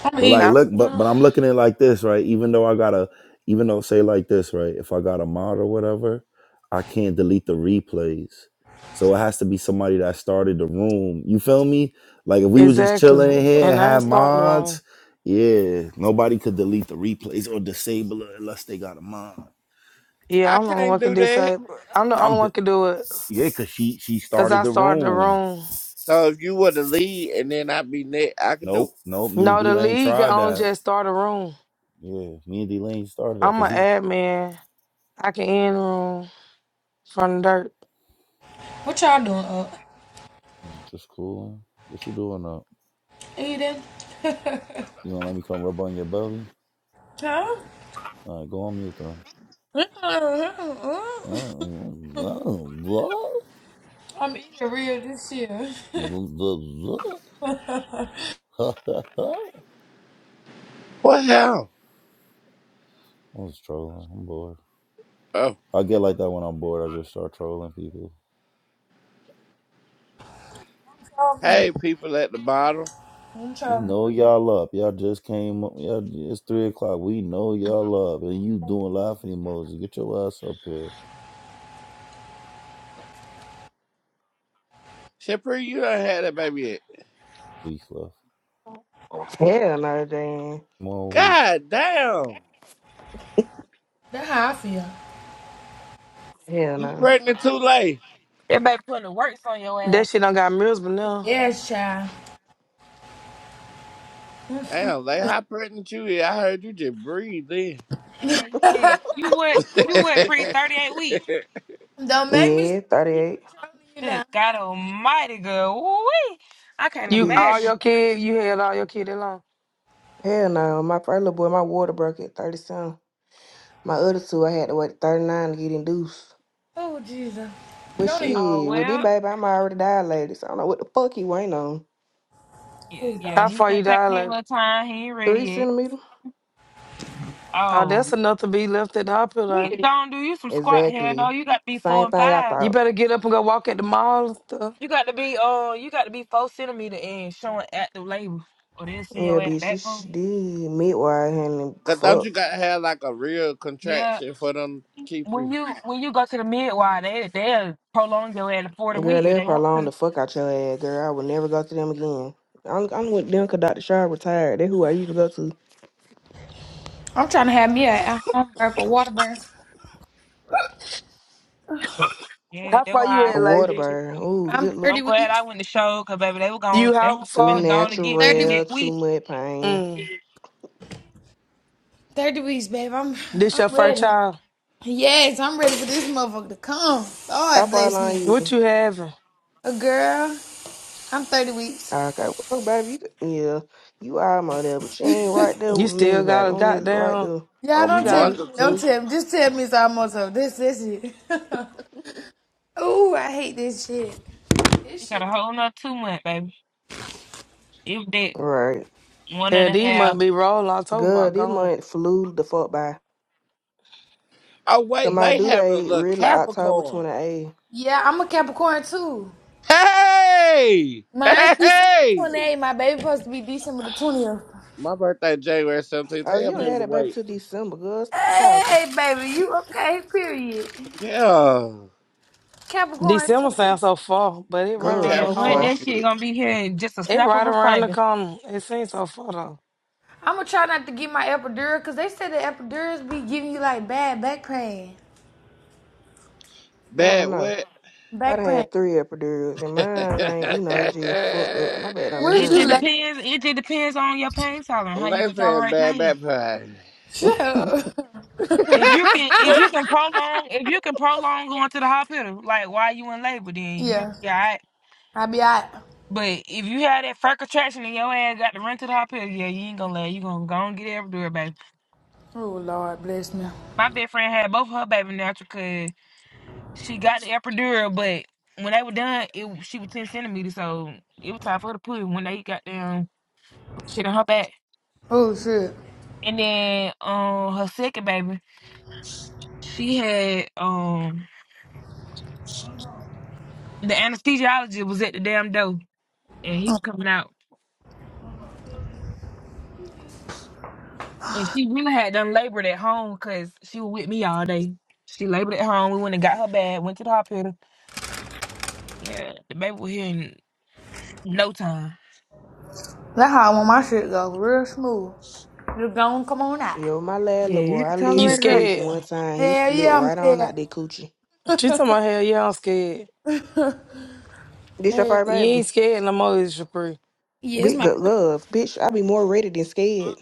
J: I'm
I: But
J: eating.
I: like,
B: I was,
I: look, but but I'm looking at it like this, right? Even though I gotta, even though say like this, right? If I got a mod or whatever, I can't delete the replays. So it has to be somebody that started the room. You feel me? Like if we was just chilling
B: exactly,
I: in here and
B: and I ain't
I: had
B: starting the wrong.
I: mods, yeah, nobody could delete the replays or disable it unless they got a mod.
B: Yeah,
C: I
B: I'm the only
C: can't
B: one can
C: do that.
B: decide. I'm the
I: I'm
B: only one
I: di-
B: can do it
I: yeah, cause she she
B: because
I: started
B: I
I: the
B: started the
I: room.
B: room.
C: So if you were to lead and then i be next, I could do it.
I: Nope, nope. Me and
B: No,
I: D
B: the
I: Lane
B: league can
I: tried
B: only
I: that.
B: just start a room.
I: Yeah, me and D Lane started that
B: I'm
I: because
B: an
I: he
B: admin. I can end room from the dirt.
J: What y'all doing? up?
I: mm, just cool. What you doing up?
J: eating?
I: You don't let me come rub on your belly?
J: huh?
I: All right, go on mute, though.
J: I'm eating real this year. I'm
C: What hell?
I: I was trolling. I'm bored.
C: Oh,
I: I get like that when I'm bored. I just start trolling people.
C: hey, people at the bottom.
I: We
J: trying.
I: know y'all up. Y'all just came up. Y'all, it's three o'clock. We know y'all up, and you doing laughing emoji. Get your ass up here.
C: Shapiro, you done had that baby yet.
I: Weak left.
K: Hell no, Dan.
I: Come on, weak.
C: God damn.
J: That's how I feel.
K: Hell
C: You
K: no.
C: pregnant too late.
L: Everybody putting the works on your ass.
B: That shit don't got miserable now.
J: Yes, child. Don't
C: Damn, like how pregnant you is. I heard you just breathed in.
L: Hey, You went you went pre thirty eight weeks.
J: make me
K: Yeah,
J: start uh,
K: 38.
J: trolling you
L: Good
J: now.
L: God Almighty, girl. Woo-wee. I can't
B: You all
K: Bitch.
L: imagine.
B: your kid, you had all your kid alone.
K: Hell no. My first little boy, my water broke at 37. My other two, I had to wait 39 to get induced.
J: Oh, Jesus.
K: But
J: Don't even.
L: Oh
K: shit, with this
L: well,
K: baby, I'm already dilated. So I don't know what the fuck he weighing on.
L: yeah,
J: Oh,
L: yeah.
B: How
J: Lord.
L: He
B: far
L: can
B: you
L: take me a
B: dilated?
L: little time. He ain't ready
K: Three
L: yet.
K: centimeter?
B: Oh, that's
L: Oh,
B: enough to be left at the hospital.
L: he
B: ain't it?
L: don't do you some squat here. No,
K: Exactly.
L: you got to be four
K: Same
L: and
K: thing I
L: five.
B: You
K: thought.
B: better get up and go walk at the mall. and stuff.
L: You got to be uh, you got to be four centimeter and showing active labor, or they'll send
K: Yeah,
L: your ass
K: bitch, you
L: back
K: sh-
L: home.
K: did midwife and
C: Cause don't
K: fuck.
C: you gotta have like a real
L: Yeah,
C: contraction for them to keep you
L: when you when you go to the midwife, they they'll prolong your ass to forty
K: Girl,
L: week if
K: they'll
L: they want to.
K: prolong the fuck out your ass, girl. I will never go to them again. I'm, I'm with them because Dr. Shaw retired. They're who I usually go to.
J: I'm trying to have me a, a home birth, a water birth.
L: Yeah,
B: How
L: that's
B: far you
L: why.
K: A
B: at, like?
K: water burn. Ooh,
J: I'm
K: good look.
L: I'm
J: 30
L: glad I
J: weeks.
L: went to show because baby, they were going,
B: You
L: they
B: how
L: were
K: Too
L: finna
B: far?
L: going to get me the
J: 30 weeks.
K: natural,
L: next
K: too
L: week.
K: much pain.
B: Mm.
J: 30 weeks, babe. I'm
B: This
J: I'm
B: your first
J: ready.
B: child.
J: Yes, I'm ready for this motherfucker to come.
K: How
J: Lord
K: far
J: bless me.
K: along
B: What
K: you?
B: you having?
J: A girl, I'm 30 weeks.
K: Okay, well, baby, you could, yeah, you almost there, but you ain't right there
B: You
K: with me,
B: still
K: baby.
B: got a
K: I'm literally right
B: goddamn.
K: there.
C: a
J: Y'all
B: You
J: don't tell me.
C: month
B: got.
C: or
J: that.
C: two?
J: Don't tell me. Just tell me it's almost over. This, this shit. Ooh, I hate this shit.
L: You
J: This
L: got a
J: shit.
L: whole nother two month, baby. If that
K: Right.
L: one and
B: Hell,
L: a
B: these might
L: half,
B: be rolling October
K: Good,
B: about
K: this
B: gone.
K: month flew the fuck by.
C: Oh wait,
K: Cause my
C: they
K: due
C: having a
K: date
C: little
K: really October
C: Capricorn.
K: 28th.
J: Yeah, I'm a Capricorn too.
C: Hey!
J: Mine's December the
C: Hey!
J: 28th. My baby supposed to be December the 20th.
C: My birthday January 17th.
K: Oh,
C: Tell your
K: you don't
C: baby
K: have
C: to
K: that baby
C: wait.
K: till December, good. Stop talking.
J: Hey, baby, you okay? Period.
C: Yeah.
J: Capricorn
B: December
J: too.
B: sounds so far, but it right
C: Big
K: Good,
B: around the
L: man,
K: so
L: what
C: Capricorn
B: corner.
L: that
K: far.
L: shit
C: shit.
L: gonna be here in just a
B: It
L: snap of
B: right
L: a
B: around the
L: finger.
B: corner. It seems so far though.
J: I'm gonna try not to get my epidural because they said the epidurals be giving you like bad back pain.
K: I
C: Bad
K: don't know.
C: what?
K: I
J: Back
K: done
J: pain.
K: had three epidurals, and
C: Let's
K: mine ain't, you know, just fucked up. My bad don't be
J: What is
L: It
K: hurting
J: you
L: just
K: like
J: laughing
K: that.
L: depends. It just depends on your pain tolerance, how you can
C: say
L: tolerate
C: bad
L: pain.
C: bad pie.
J: Shut
L: If you can, if you can prolong, if you can prolong going to the hospital, like while you in labor, then you
J: yeah,
L: be right.
J: I be out.
L: But if you had that fur contraction and your ass got to run to the hospital, yeah, you ain't gonna let you gonna go and get the epidural, baby.
J: Oh Lord, bless me.
L: My best friend had both of her baby natural cause she got the epidural, but when they were done, it she was ten centimeters, so it was time for her to put it when they got down shit on her back.
J: Oh shit.
L: And then um her second baby, she had um the anesthesiologist was at the damn door and he was coming out. And she really had done labored at home because she was with me all day. She labored at home. We went and got her bag, went to the hospital. Yeah, the baby was here in no time.
J: That's how I want my shit go, real smooth. You gone, come on out.
K: Yo, my lad, little
L: Yeah,
K: boy,
L: you can
K: I
B: You
K: literally
L: tolerate it.
K: pushed
B: scared?
L: Up.
K: one time. He
J: Hell
K: slipped
J: yeah, I'm
K: right on
J: scared.
K: out that coochie.
B: She talking about hell yeah, I'm scared.
K: This your
J: Hell
K: first
B: You ain't
K: baby?
B: scared no more, is Capri.
J: yeah, it's
K: Big
J: my
K: good
J: first.
K: love. Bitch, I be more ready than scared.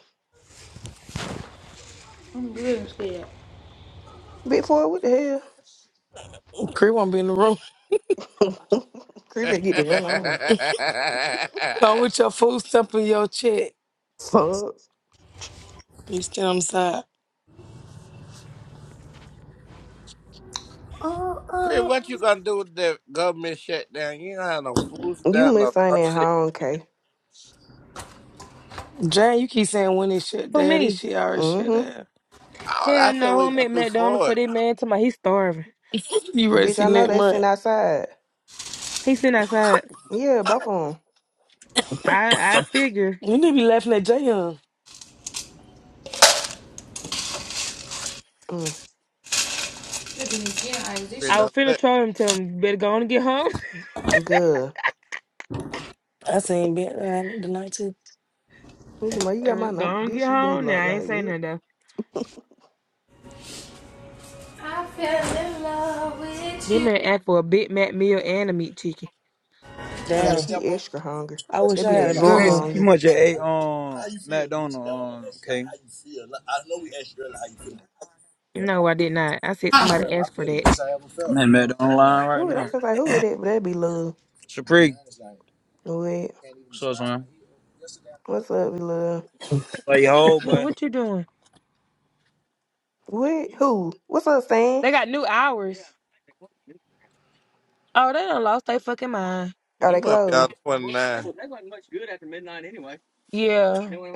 J: time. I'm really scared.
K: Big four, what the
B: Capri won't be in the room.
K: hell? Creepy, get the hell on.
B: Come with your food stuff in your check.
K: Fuck.
B: You stand on the side.
J: Oh,
C: Chris,
J: oh,
C: what you gonna do with the government shutdown? You don't have no food
K: You
C: stamp, no
K: must ain't
C: social
K: at home,
C: security.
K: K.
B: Jane, you keep saying when this shit
L: For
B: down. This
L: me,
B: shit already shut
K: Mm-hmm.
B: down.
C: Oh, I
L: hell
C: said
L: no,
C: we
L: I'm
C: gonna
L: at
C: do
L: McDonald's
C: for
L: for
C: it.
L: that man. To my, he's starving.
B: You ready to
K: Bitch,
B: see
K: I know
B: next
K: they
B: month?
K: sitting outside.
L: He's sitting outside.
K: Yeah, both of
L: I I figure
B: You need to be laughing at Jay Young.
K: them.
C: Chris,
J: This
L: I
J: shit.
C: don't
L: was finna
C: say,
L: try him. Tell him you better go on and get home.
K: Mm, good.
B: I seen Big Man tonight too.
K: Look at my- You got my
L: And go
K: number.
L: on and
K: Bitch,
L: get
K: you been
L: home.
K: blocked
L: Now I ain't
K: like
L: saying
K: what?
L: nothing though.
J: I fell in love with
L: That
J: you.
L: man asked for a Big Mac meal and a meat chicken.
K: Oh, yeah,
B: Damn.
K: he extra hungry.
B: I wish
K: That
B: I
K: be that
B: had a big
K: drunk
L: Girl,
B: man.
D: You
K: hunger.
D: must have ate um McDonald's. Um, okay.
L: no, I did not. I said
D: I'm
L: somebody asked for that.
D: at McDonald's line right
K: Who? it- I
D: now.
K: feel like who it is, that? but that be love.
D: Supreme.
K: Wait.
D: What's up, son?
K: What's up, love?
D: I saw your whole
L: Honey,
D: boy.
L: what you doing?
K: What? Who? What's up, Stan?
L: They got new hours. Oh, they done lost their fucking mind.
K: Are
C: you
K: they
C: must be on
K: closed?
C: 29.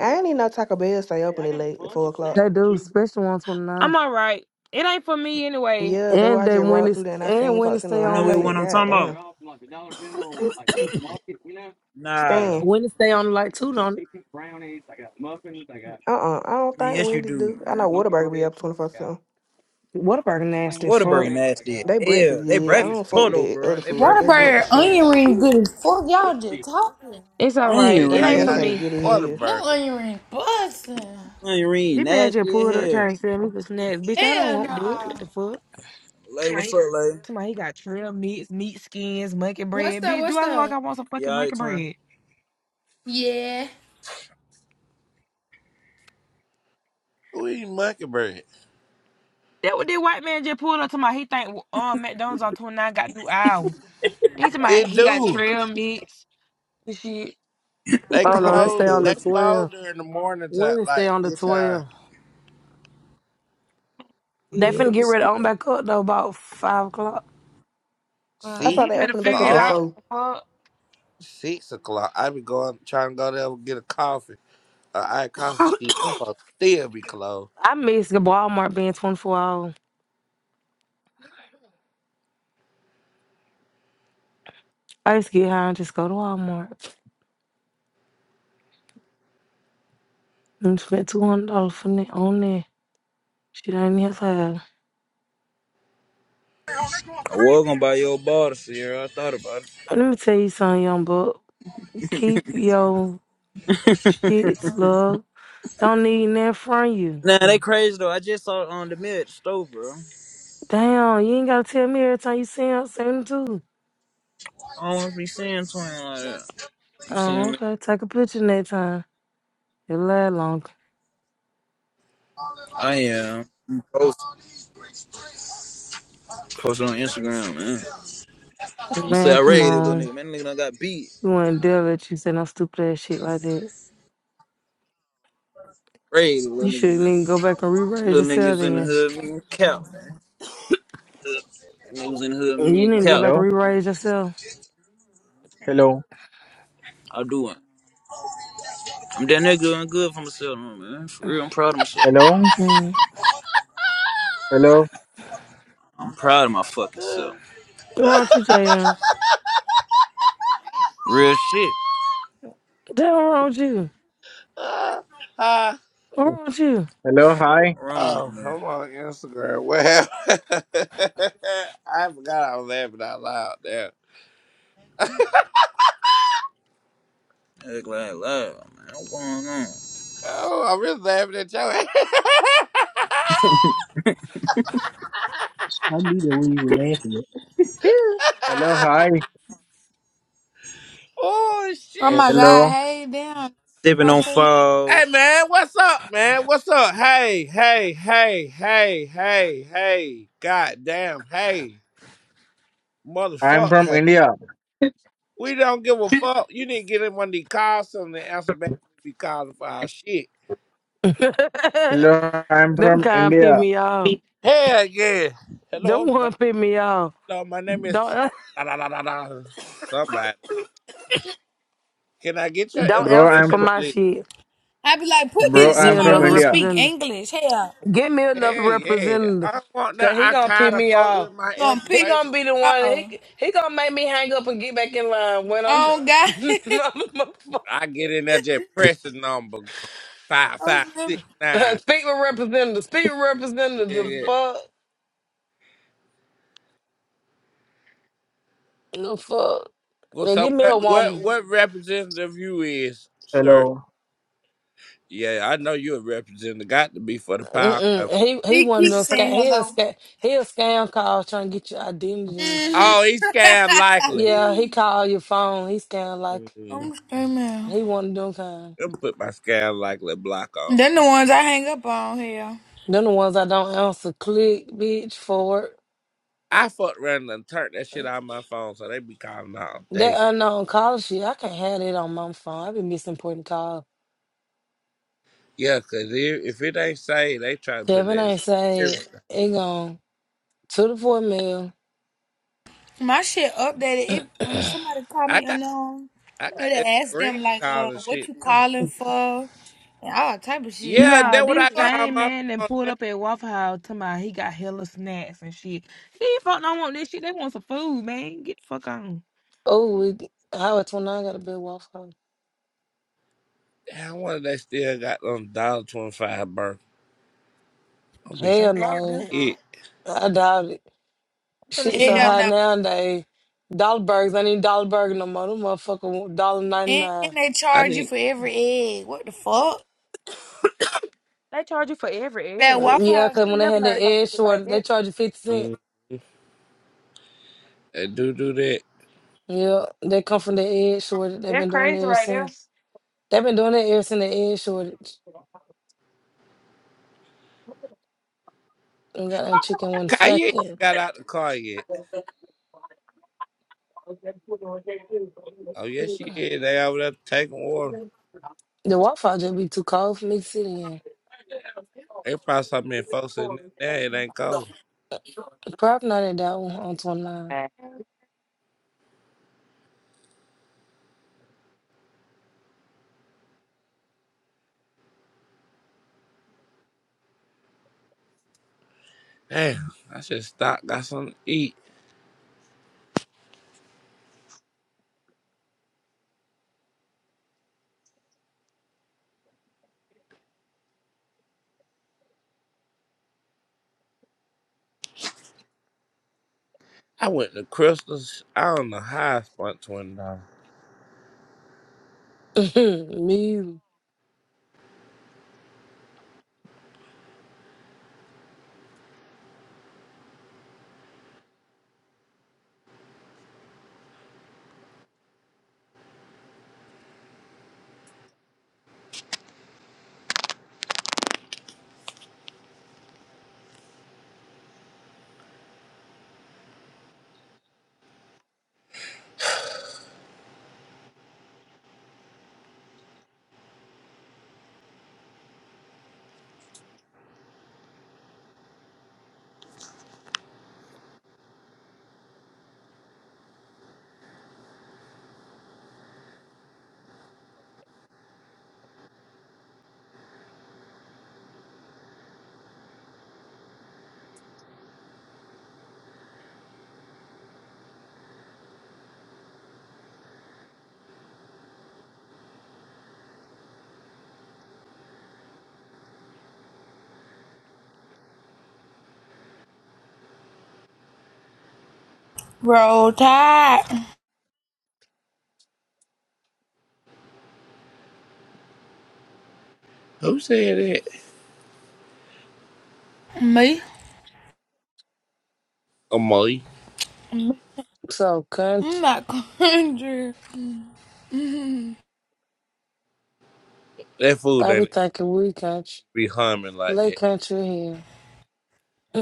K: I ain't even know Taco Bell stay open at late at four
B: They
K: o'clock.
B: do, especially
L: I'm
B: 129.
L: all right. It ain't for me anyway.
K: Yeah, they were
B: And
K: I
B: they
K: just
B: when
K: rolled through
B: it's
K: there and I
B: and
K: seen
B: when it
K: folks in the
B: stay
D: You know
B: on
K: line. I
D: what one
K: said,
B: late.
D: I'm
K: God
D: talking about?
K: damn.
D: Nah.
K: Stan.
D: I
B: When it stay on like two don't
K: Uh uh I don't
D: mean,
K: think
D: yes, you
K: Wendy's do. I
D: do.
K: know Whataburger be up twenty four seven.
B: what about nasty
D: What a burger
B: fuck.
D: nasty.
K: They breakfast
D: Hell, they
K: good. I
D: breakfast
K: don't fuck with
D: total,
K: that
D: bro.
K: other
D: They
K: food.
J: What
K: They
D: breakfast
C: I
D: total.
C: don't
K: breakfast
J: about
C: see.
K: straight.
J: onion ring good as fuck? Y'all just talking.
L: It's
C: I
L: all
C: don't
L: right.
D: Onion
C: see
K: They
L: It
C: how
L: ain't for
C: y'all
K: pancake
C: eat
D: ring.
L: me.
K: good as hell.
J: Them
C: Whataburger.
J: onion ring busting.
D: Onion ring.
L: This man just
D: Nasty as
L: pulled up
D: hell.
L: trying to sell me for snacks. Bitch, I don't
J: Hell no.
L: want that.
J: Nah.
L: What the fuck?
D: Lay, what's up, Lay?
L: Somebody he got trail meats, meat skins, monkey
J: What's
L: bread.
J: up?
L: Bitch, do
J: What's
L: I look like
J: up?
L: I want some
D: Yeah,
L: fucking
D: all right,
L: monkey
D: twin.
L: bread?
J: Yeah.
C: Who eat mockingbird?
L: That what this white man just pulled up to my. He think um McDonald's on 29 got new hours. He to my
C: It
L: he got
C: do.
L: trail meats and shit.
C: They
B: Oh no, they
C: close.
B: stay on
C: They
B: the
C: close
B: twelve.
C: during the morning time,
B: When it stay
C: like
B: on the
C: this time
B: twelve.
D: I
B: They
L: Yeah.
B: finna get ready on back up though about five o'clock.
L: Uh,
K: I
C: six.
K: thought
L: he
K: they
L: better
K: opened back
L: figure
K: up
L: it
K: at
C: Uh
L: out.
C: uh
K: four.
C: six o'clock. I be going trying to go there and get a coffee, a iced coffee.
B: I
C: Shit, them folks still be closed.
B: miss the Walmart being twenty four hours. I used to get high and just go to Walmart and spend two hundred dollars for that on there. Shit ain't here to have.
D: was gonna buy your ball this year. I thought about it.
B: Let me tell you something, young buck. Keep your shits, love. Don't need nothing from you.
D: Nah, they crazy though. I just saw it on the mid at store, bro.
B: Damn, you ain't gotta tell me every time you see him, send him too.
D: I don't wanna be seeing twin like that. You see
B: Oh,
D: him?
B: okay. Take a picture next time. It'll last longer.
D: I am. Post, post it on Instagram, man. I'm gonna say
B: Man,
D: I
B: come
D: raided little
B: on.
D: nigga. Man, nigga done got beat.
B: You wanna deal with you saying no stupid ass shit like that.
D: Raided little
B: You
D: nigga, man.
B: shouldn't even go back and re-raise
D: Little
B: yourself
D: niggas in the
B: then.
D: hood, me and Cap, man. Niggas in the hood, me
B: You need
D: and
B: to go
D: Cap,
B: back
M: Hello,
B: and
D: man.
B: re-raise yourself.
M: hello,
D: I do it. I'm damn near doing good for myself, man. For real, I'm proud of myself.
M: hello,
B: Mm.
M: hello,
D: I'm proud of my fucking self.
B: What wrong with you, Jayon?
D: Real shit.
B: Damn, what wrong with you?
C: Ah, ah.
B: What wrong with you?
M: hello, hi,
D: Rooney,
C: oh,
D: man.
C: I'm on Instagram. What happened? I forgot I was laughing out loud there.
D: That's like love, man. What's going on?
C: Oh, I'm really laughing at you.
A: I knew that when you were laughing at.
M: hello, hi,
C: oh shit.
J: Oh my god,
M: hello.
J: hey damn.
D: Sipping
J: Somebody
D: on
J: say nothing.
D: foes.
C: Hey man, what's up, man? What's up? Hey, hey, hey, hey, hey, hey. God damn, hey.
M: I'm
C: Motherfuck,
M: from
C: hey.
M: India.
L: Fuck.
C: We don't give a fuck. You need to get in one of these calls and answer back when we be calling for our shit.
M: Hello, I'm
B: Them
M: from
B: kind pick
M: India.
B: me off.
C: Hell yeah.
B: Them
C: Hello, my,
B: one pick me off.
C: hello, my name is
B: Don't
C: da- da- da- da- da- somebody. Can I get your
B: don't
M: Bro,
B: answer
M: I'm
B: for
C: information,
M: fr-
B: my
C: please?
B: shit.
J: I be like, put me to
M: bro,
B: Put me
M: I'm
J: somebody
M: from
B: another
J: who
M: India.
J: speak
B: representative.
J: English. Hell.
B: Get me another
C: Yeah, yeah. I
B: representative,
C: don't want no
B: cause he
C: I
B: gonna pick
C: kind of
B: me
C: folk
B: off.
C: with my
J: Gonna piss
B: He
C: information.
B: gonna be the
J: me
B: one.
J: off.
B: He he gonna make me hang up and get back in line when I'm.
J: Oh god.
C: I get in there just pressing number five
J: I'm
C: five
J: scared.
C: six nine.
B: Speak with representative. Speak with
C: Yeah,
B: representative. The
C: yeah.
B: fuck. The fuck.
C: Well,
B: And
C: so
B: give me a
C: what, what,
B: woman.
C: what representative you is, sir?
M: Hello.
C: Yeah, I know you're a representative. Got to be for the power
B: Mm-mm.
C: company.
B: He he
J: He
B: one of them
J: keeps
B: scam.
J: saying
B: He a
J: hello.
B: scam. He a scam call trying to get your identity and
J: hmm
B: shit.
C: Oh, he scan likely.
B: Yeah, he called your phone. He scam like
C: Mm.
J: I'm screaming.
B: he one of them kind.
C: Let me put my scan likely block on.
J: Then the ones I hang up on here.
B: Them the ones I don't answer. Click, bitch, forward.
C: I fucked around and turned that shit out of my phone, so they be calling all
B: That
C: day.
B: unknown call shit, I can't have it on my phone. I be missing important call.
C: Yeah, cause if, if it ain't saved, they try to put
B: Kevin
C: it as
B: ain't say
C: everything.
B: it gone to the four mil.
J: My shit updated. It when somebody call
C: I
J: me
C: got
J: unknown,
C: I got that
J: it ask
C: screen
J: them like,
C: call
J: uh,
C: and
J: what
C: shit.
J: you
C: Yeah,
J: calling for? And all type of shit. I
C: yeah
J: was like,
L: Yeah,
C: that
J: what
C: what
J: the
C: I
L: this
J: fuck?
C: got on
L: same
C: my
L: man that
C: phone.
L: pulled
C: Yeah.
L: up at Waffle House talking about he got hella snacks and shit. These folk don't want this shit. They want some food, man. Get the fuck on.
B: Oh, we Howard 29 got a big waffle.
C: Damn, I wonder they still got them dollar twenty five burn.
L: They
B: Hell
L: charge you.
B: no.
C: Yeah,
B: I doubt it.
L: I'm finna
B: Shit
L: see
B: so
L: y'all.
J: Hell
B: high
J: no.
B: nowadays. Dollar burgers, I need dollar burger no more. Them motherfucker dollar ninety
J: And
B: nine.
J: they
C: I
J: charge you
C: think
J: for every egg. What the fuck?
L: They charge you for every
J: That
L: egg.
J: Waffle
B: Yeah,
L: I
J: House.
B: cause
L: ain't
B: when they
L: never
B: had the
L: heard no
B: edge
L: shit like
B: short, they
L: that.
B: charge you fifty cent.
C: mm, a dude do that.
B: Yeah, they come from the edge shortage. They've
L: They're
B: been doing
L: crazy
B: it ever
L: right
B: since. They've been doing it ever since the edge shortage. And got that chicken one
C: Kanye ain't
B: fucking.
C: got out the car yet. Oh yes, she is. They over there taking water.
B: The Wi-Fi just be too cold for me to sit in.
C: They probably something in folks in there. It ain't cold.
L: there.
B: Probably not at that one on 29.
C: Damn, I should stop. Got something to eat. I went to Crystal's. I don't know how I spent twenty dollars.
B: me,
J: Roll Tide.
C: Who said that?
J: Me?
C: Amoy.
J: I'm
B: so country.
J: country.
C: That food
B: I be
C: ain't
B: thinking we country.
C: be humming like
B: Late
C: that.
B: country here.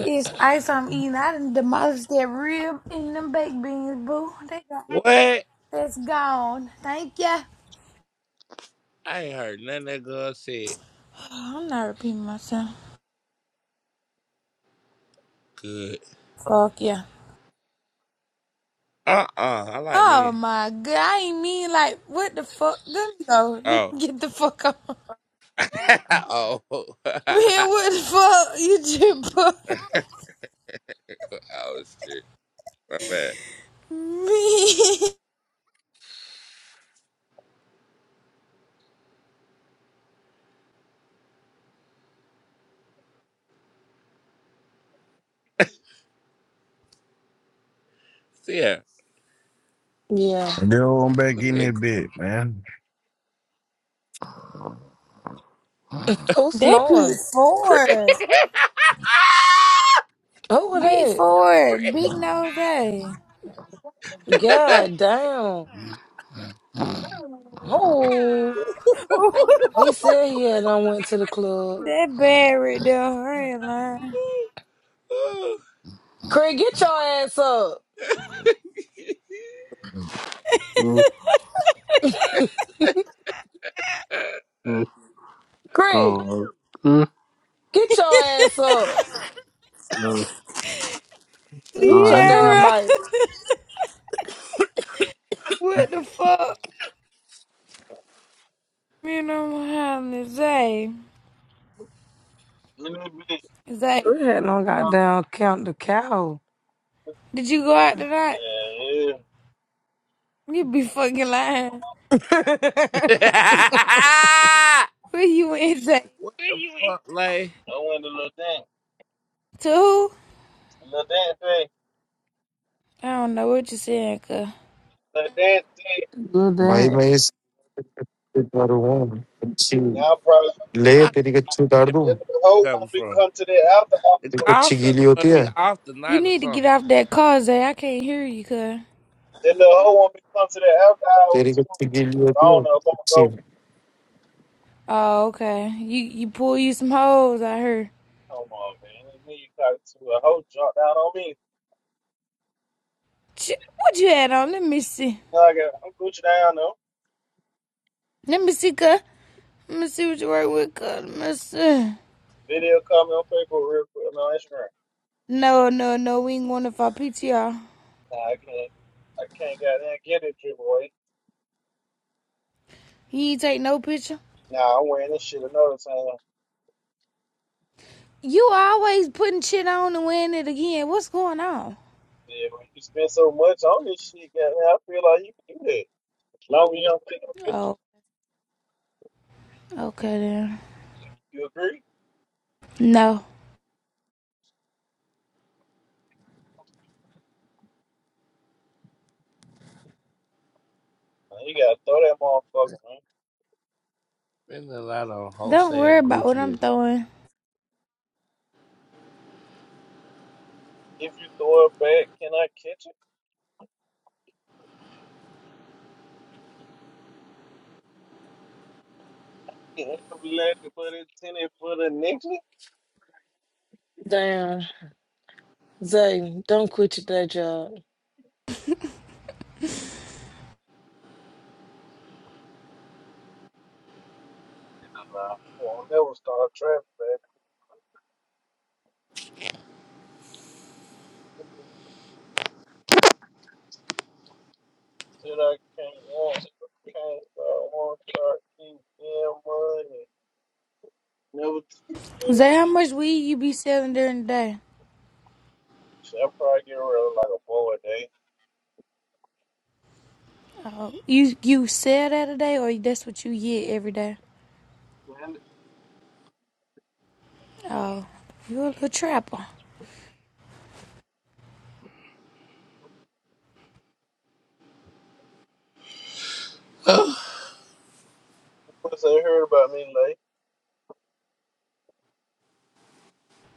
J: It's ice I'm eating. I done demolished that rib and them baked beans, boo. They got,
C: What? I
J: that's gone. Thank ya.
C: ain't heard nothing that girl said.
J: I'm not repeating myself.
C: Good.
J: Fuck yeah.
C: Uh uh I like
J: Oh
C: men.
J: my god, I ain't mean like, what the fuck? Let me go. Let
C: Oh.
J: me get the fuck up.
C: oh.
J: Man, what the fuck? You just put
C: oh shit. My bad.
J: me.
C: So yeah,
B: Yeah.
G: Get on back
C: look
G: in
C: at
G: that bit, man.
B: Who's
J: That big
B: snoring?
C: Chris.
J: Ford.
B: Who was
J: Big
B: that?
J: Ford. Big nose A.
C: what
B: God damn. Who? He said he had done went to the club.
J: That buried the hairline.
B: Craig, get your ass up.
A: Mm, mm,
B: Craig,
A: oh, mm,
B: get your ass up.
A: oh,
B: Mute your
A: I
B: damn
A: know.
J: Sierra.
B: mic.
J: what the fuck? Me and I'm to say.
G: A little bit.
J: Zay.
B: We had no
G: Um,
B: goddamn count the cow.
J: Did you go out tonight?
G: yeah, yeah.
J: You be fucking lying.
B: Good
J: Where you went, Zay?
C: the fuck, like?
G: I went to little dance.
J: To who?
G: Little dance thing.
J: I don't know what you're saying, cuz.
G: Little dance thing.
N: भाई
B: damn.
N: मैं इस पर हूँ अच्छी
G: Y'all probably,
N: ले
C: How do
N: तेरी
C: Indian
N: कच्ची उतार दूँ
G: then
C: people
G: the hoe
C: come
G: want me to
C: from?
G: come to the after
C: The
G: hour.
N: तेरी
C: call
N: कच्ची
C: center
N: गीली होती
C: must be
N: है
C: off
J: You
C: tonight or
J: need to
C: something.
J: get off that car, Zay. I can't hear you, cuz.
G: Then the hoe want me to come to the after hour
N: तेरी
G: too.
N: कच्ची गीली
G: But I
N: होती है
G: don't know if I'm going to
N: अच्छी
G: go.
J: Oh, okay. You you pull you some hoes, I heard.
G: Come on, man. Let me talk to a hoe drop down on me.
J: Ch- What you had on? Let me see.
G: Now I got, I'm Gucci down though.
J: Let me see, cuz. Let me see what you work with, cuz. Let me see.
G: Video coming on Facebook real quick. I'm on Instagram.
J: No, no, no. We ain't going to our PTR.
G: Nah, I can't. I can't get in and get it, your boy.
J: He ain't take no picture.
G: Nah, I'm wearing this shit another time.
J: You always putting shit on and wearing it again. What's going on?
G: Yeah, when you spend so much on this shit, goddamn, I feel like you can do that. As long as you don't take a picture.
J: Oh, okay then.
G: You agree?
J: No.
G: Nah, you gotta throw that motherfucker, man.
C: Been a lot on
J: Don't
C: wholesale
J: worry about what I'm
C: Gucci.
J: throwing.
G: If you throw it back, can I catch it? Can I let it put it in it for the next
B: Damn. Zay, don't quit your day job.
G: Nah, I won't never start traffic, baby. Said I can't want, can't start, won't start, keep getting money. Never. T-
J: Zay, how much weed you be selling during the day?
G: so I'll probably get rid of like a boy a
J: Oh, you you sell that a day, or that's what you get every day?
G: day.
J: Oh, you a little trapper.
C: Oh,
G: Once they heard about me, like,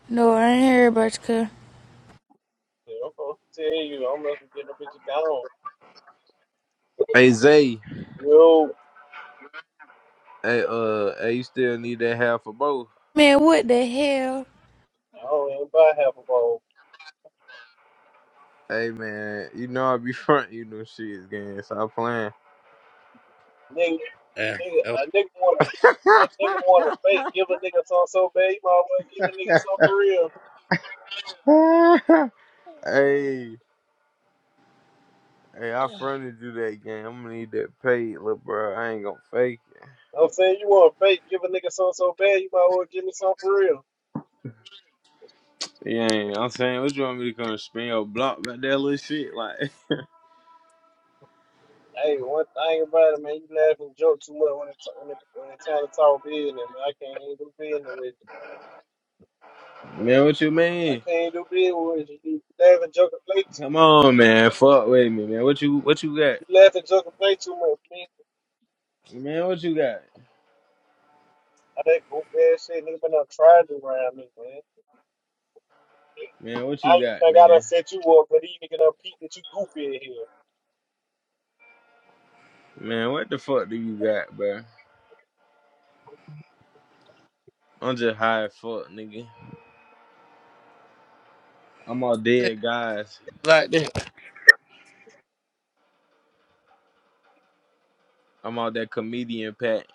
J: No, I ain't hear about you, cuz.
G: yeah, I'm supposed to tell you, I'm not gonna get no bitch gone.
O: Hey Zay,
G: Yo,
O: hey uh, hey, you still need that half of both?
J: Man, what the hell?
G: I don't even buy half a ball.
O: Hey man, you know I be front you them shits, gang. Stop playing.
G: Nigga,
C: Damn,
G: nigga,
C: that was-
G: a nigga want a nigga want a fake. Give a nigga something so bad, you might as well give a nigga something for real.
O: hey, hey, I fronted you that game. I'm gonna need that paid, little bro. I ain't gonna fake
G: I'm saying you want a fake, give a nigga something so bad, you might as well give me something for real.
O: it. Yeah, I'm saying, what you want me to come spin your block back that little shit? Like,
G: Hey, one thing about it, man, you laugh and joke too much when it's when, it, when it's time to talk business. Man, I can't even do business with you.
O: man, what you
G: I
O: mean?
G: can't do business with you. You laugh and joke and play, Too,
O: Come on, man. Fuck with me, man. What you, what you got?
G: you laugh and joke and play too much.
O: Man, what you got?
G: I That goofy ass shit, nigga, been up trying to around me, man.
O: Man, what you
G: I
O: got,
G: think I done
O: man?
G: set you up, but he nigga done peep that you goofy in
O: Man, what the fuck do you got, bro? I'm just high as fuck, nigga. I'm all
C: they talk
O: dead
C: to
O: guys.
C: you like that.
O: I'm all that comedian pack.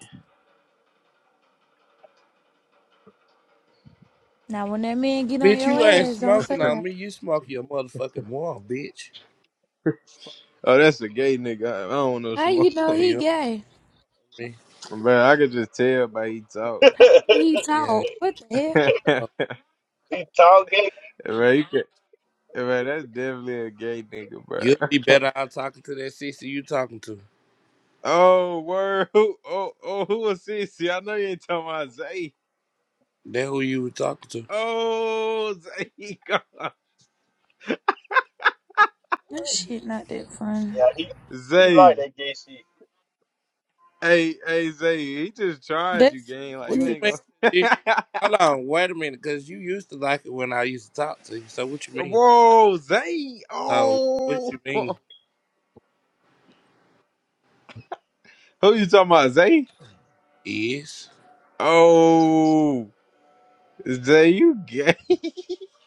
J: Now, when that man get on
C: Bitch,
J: your
C: you ain't
J: ass, don't say
C: smoking
J: nothing.
C: on me. You smoke your motherfucking mom, bitch. Fuck.
O: oh, that's a gay nigga. I don't know
J: How
O: Shmo.
J: you know
C: yeah,
J: he
C: you
J: gay?
C: me.
O: Bro, I could just tell by he talk.
J: How do
G: here.
J: he
C: Yeah,
J: talk? What the hell?
O: Bro,
G: he tall gay.
O: you can. Bro, that's definitely a gay nigga, bro.
C: you'll be better out talking to that sister you talking to
O: Oh, word. Who? Oh, oh, who was this? I know you ain't talking about Zay.
C: than who you were talking to.
O: Oh, Zay. God.
J: That shit not that fun.
G: Yeah, he he like
O: Zay.
G: that gay shit.
O: Hey, hey, Zay. He just tried you,
J: That's
O: gang. Like
C: What
O: you
C: you
O: ain't
C: mean?
O: gonna.
C: You, hold on, wait a minute, because you used to like it when I used to talk to you. So what you mean?
O: Whoa, Zay.
C: So what
O: Oh.
C: you mean
O: Who you talking about, Zay?
C: is
O: Oh. Zay, you gay.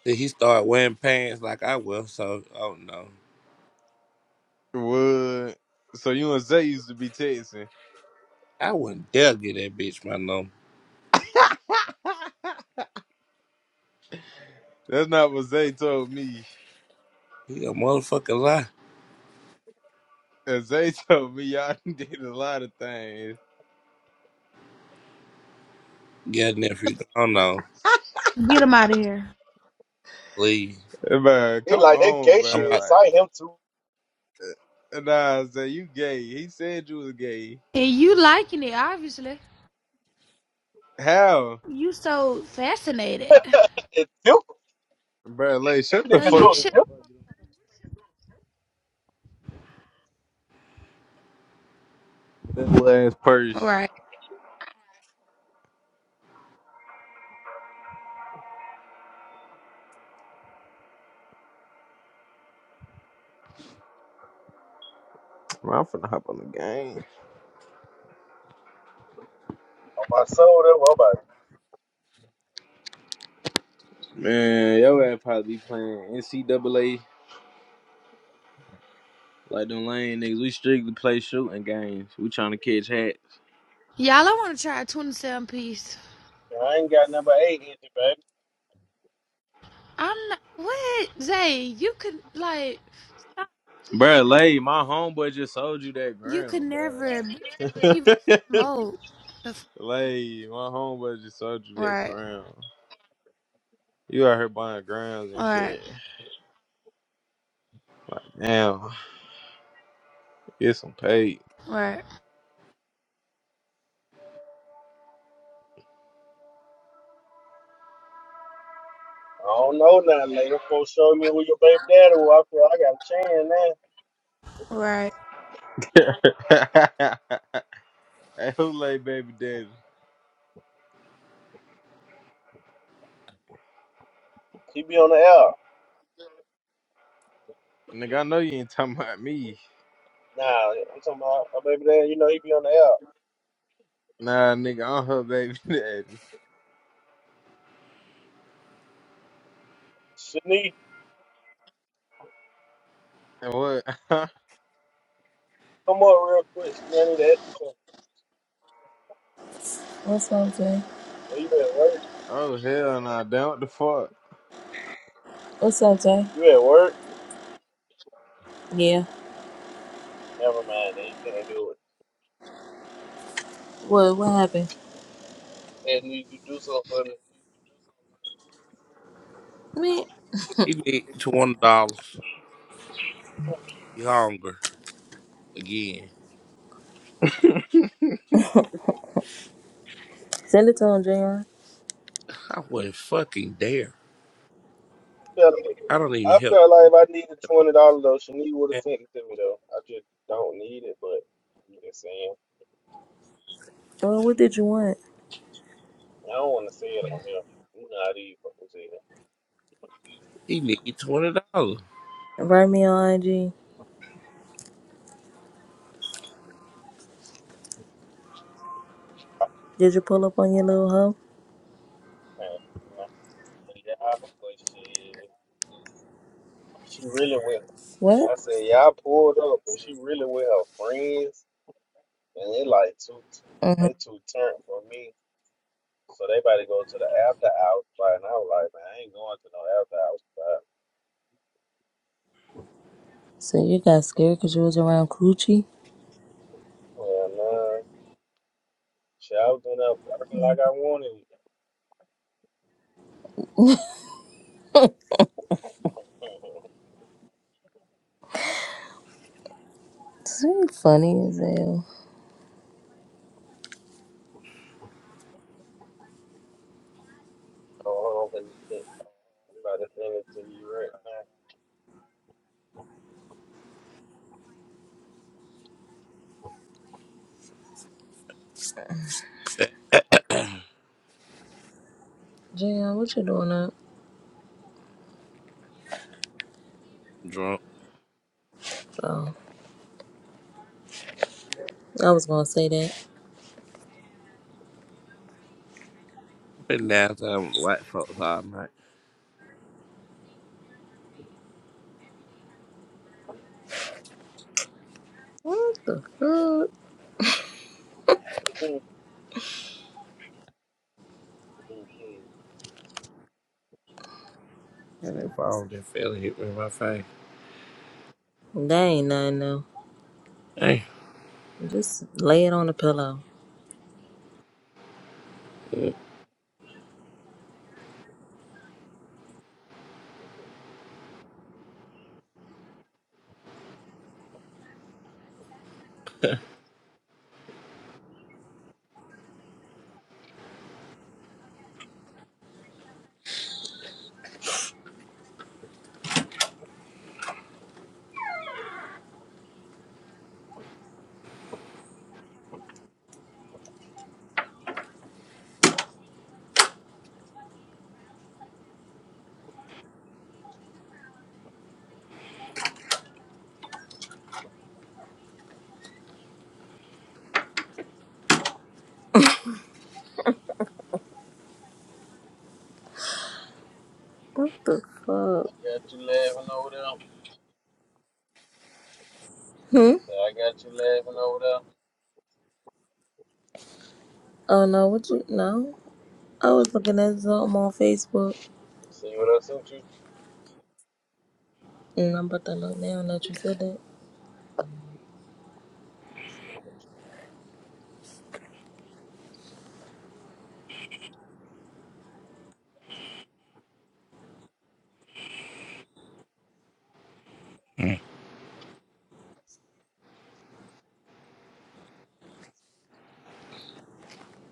C: that he started wearing pants like I will. So oh no,
O: What? So you and Zay used to be texting.
C: I wouldn't dare get that bitch my number.
O: That's not what Zay told me.
C: He a motherfucking lie.
O: And Zay told me y'all did a lot of things.
C: Yeah, nephew. Oh no,
J: get him out of here.
C: please.
O: But
G: He
O: come
G: like that
O: on,
G: gay
C: I'm
G: shit.
O: bro.
C: about. To,
O: Like,
G: Excite him too.
O: nah, Zay, you gay. He said you was gay.
J: And you liking it, obviously.
O: How?
J: You so fascinated.
G: It's simple.
O: Bro, like, shut the
J: So
G: Nigga
O: fuck up.
J: you
G: so
O: Fucking
J: should.
G: simple.
O: that little ass purse.
J: Right.
O: Man, I'm finna hop on the game.
G: My soul, that's what I'm about.
O: Man, yo ass probably be playing NCAA like them lame niggas. We strictly play shooting games. We trying to catch hats.
J: Y'all, I want to try a 27 piece.
G: I ain't got number eight in it, baby.
J: I'm not. What? Zay, you could, like, stop.
O: Bruh, Lay, my homeboy just sold you that
J: You could
O: ground,
J: never. Bitch, I don't
O: bruh.
J: even
O: Like,
J: smoke. The f-
O: Lay, my homeboy just sold you that
J: Right.
O: ground. You out here buying grounds and
J: Right.
O: shit. Like, damn, get some paid.
J: Right.
G: I don't know nothing. Later, folks show me who your baby daddy was. I feel like I got a chance now.
J: Right.
O: hey, who Lay baby daddy?
G: He be on the air.
O: Nigga, I know you ain't talking about me.
G: Nah, I'm talking about my baby daddy. You know he be on the air.
O: Nah, nigga, I'm her baby daddy.
G: Shanique,
O: And what?
G: come up real quick. Shanique, I need to ask you something.
P: What's up, Jay?
G: Well, you at work?
O: Oh hell nah, damn what the fuck.
P: What's up, Jay?
G: You at work?
P: Yeah.
G: Never mind. Then you can't do it.
P: What? What happened?
G: And you you do something for me.
P: Me.
C: he need twenty dollars. He hungry again.
P: Send it to him, Jay.
C: I wouldn't fucking dare.
G: I Felt- like,
C: I don't even
G: I
C: help the
G: felt like if I needed
C: fuck
G: twenty dollars though, Shanique would have
C: man.
G: sent it to me though. I just don't need it, but I'm just saying.
P: Well, what did you want?
G: I don't want to say it on here. You know how these fuckers say that.
C: He need twenty dollars.
P: Write me on IG. Did you pull up on your little hoe?
G: Hey, Nah, Yeah, I- but she, She really with.
P: What?
G: I said, yeah, I pulled up, but she really with her friends, and they like too,
P: Mm-hmm.
G: they too turned for me. So they about to go to the after hours party, and I was Like, man, I ain't going to no after hours. party.
P: So you got scared because you was around Coochie?
G: yeah, man, shit, I was doing that working like I wanted.
P: This ain't funny as hell.
G: Go home and think about the thing to you right now.
P: Jay, what you doing up?
C: Drunk.
P: Oh, I was gonna say that.
C: Been downtown with white folks all night.
P: What the fuck?
C: And that phone just fell and hit me in my face.
P: That ain't nothing though.
C: Hey.
P: Just lay it on the pillow. What the fuck?
G: I got you laughing over there. Yeah, I got you laughing over there.
P: Oh no, what you no? I was looking at something on Facebook.
G: See what I sent you?
P: And I'm about to look now that you feel it.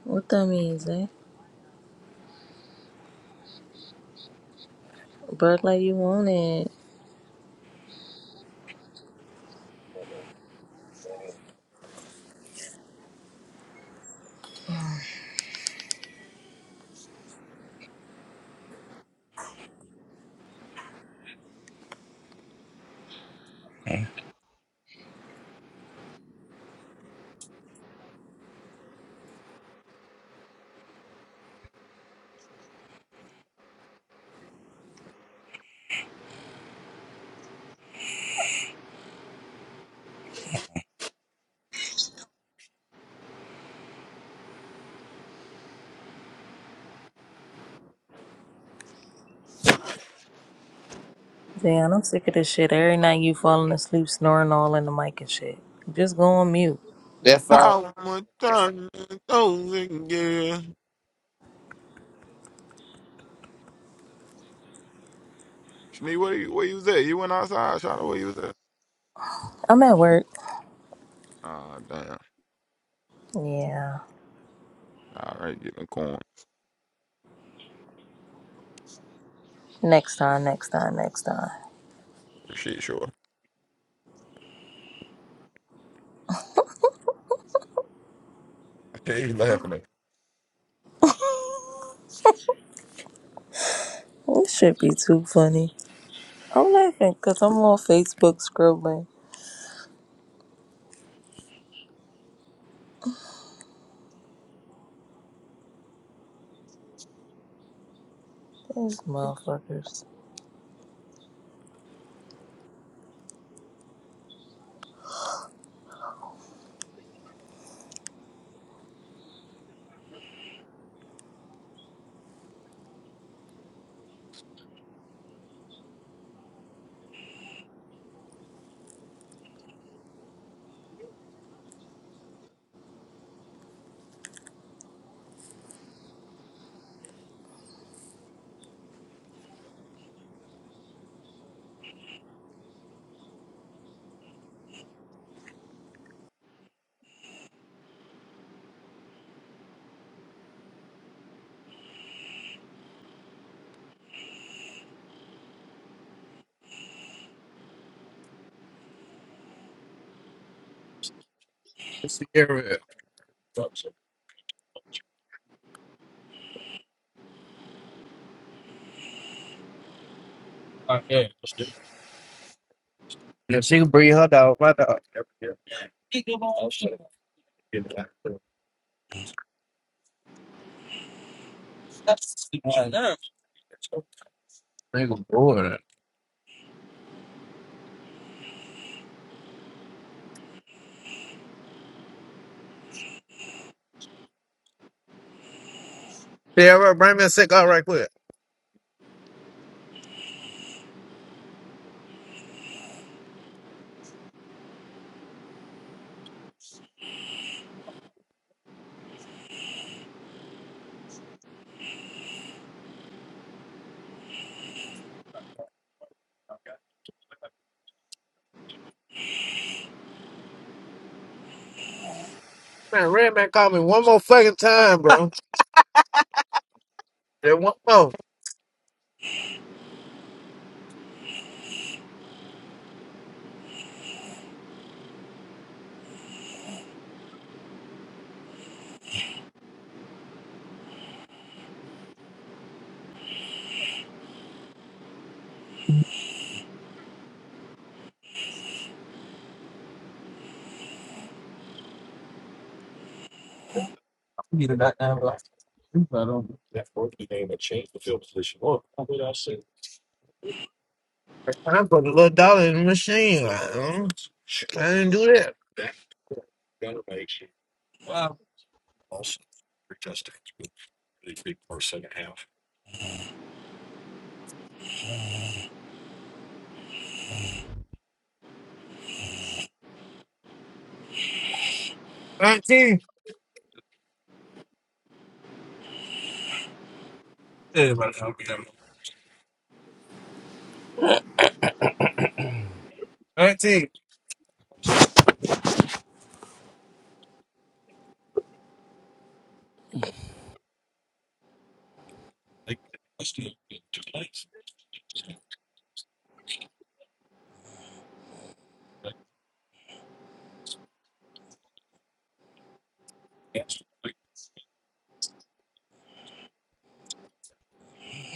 P: What that means, eh? Bark like you want it.
G: Damn.
P: Jayon, I'm sick of this shit. Every night you falling asleep, snoring all in the mic and shit. Just go on mute.
C: That phone.
Q: How much time is thousand years? Shnee, where you where you was at? You went outside, Shot where you was at?
P: I'm at work.
Q: Ah, damn.
P: Yeah.
Q: All right, get in the corn.
P: Next time, next time, next time.
Q: Shit, sure. Hey, laughing at?
P: This should be too funny. I'm laughing because I'm on Facebook scrolling. These motherfuckers.
R: Sierra. All right, yeah. that's good. Yeah, she can breed her dog, my dog. Nigga bored. Sierra, bring me a cigar right quick. Man, Red Man called me one more fucking time, bro. Just one more. Need a goddamn life. I don't. That forky name that changed the field position. Oh, what I said, I put a little dollar in the machine. I, I didn't do that. Wow. also three touchdowns, but really big for a second half. 19. Yeah, but how could that 19. like must have been two plays? Like, yes, like,
Q: me.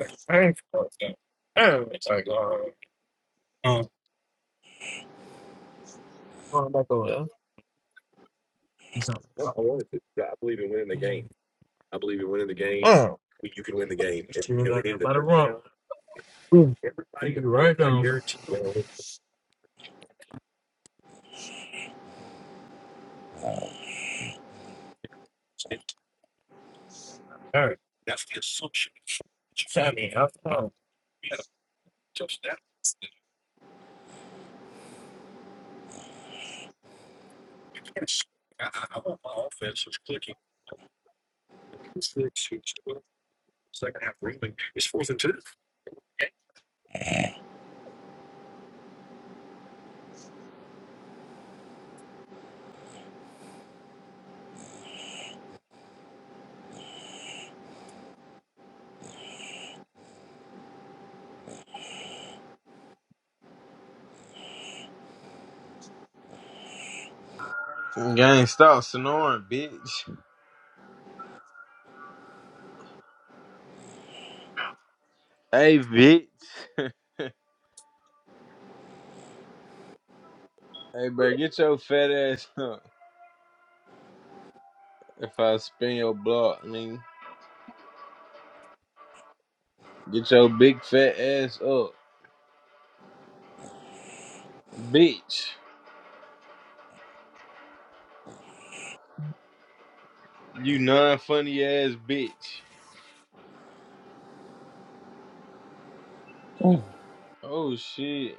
R: like, Hey, oh, yeah. oh It's like, God. um, Going back over there. He's not. no, I wanted to. Yeah, I believe in winning the game. I believe in winning the game. Oh. When you can win the game, This and, team and the that Boom. everybody, Take it I right down. guarantee you, well, it's- it- All right. that's the assumption. Sammy, how come? We had a touchdown. Yes. Just clicking. Six, six, twelve, seven.
O: Gang stop snoring, bitch. Hey bitch. Hey bro, get your fat ass up. If I spin your block, I mean get your big fat ass up. Bitch. You non funny ass bitch. Oh shit.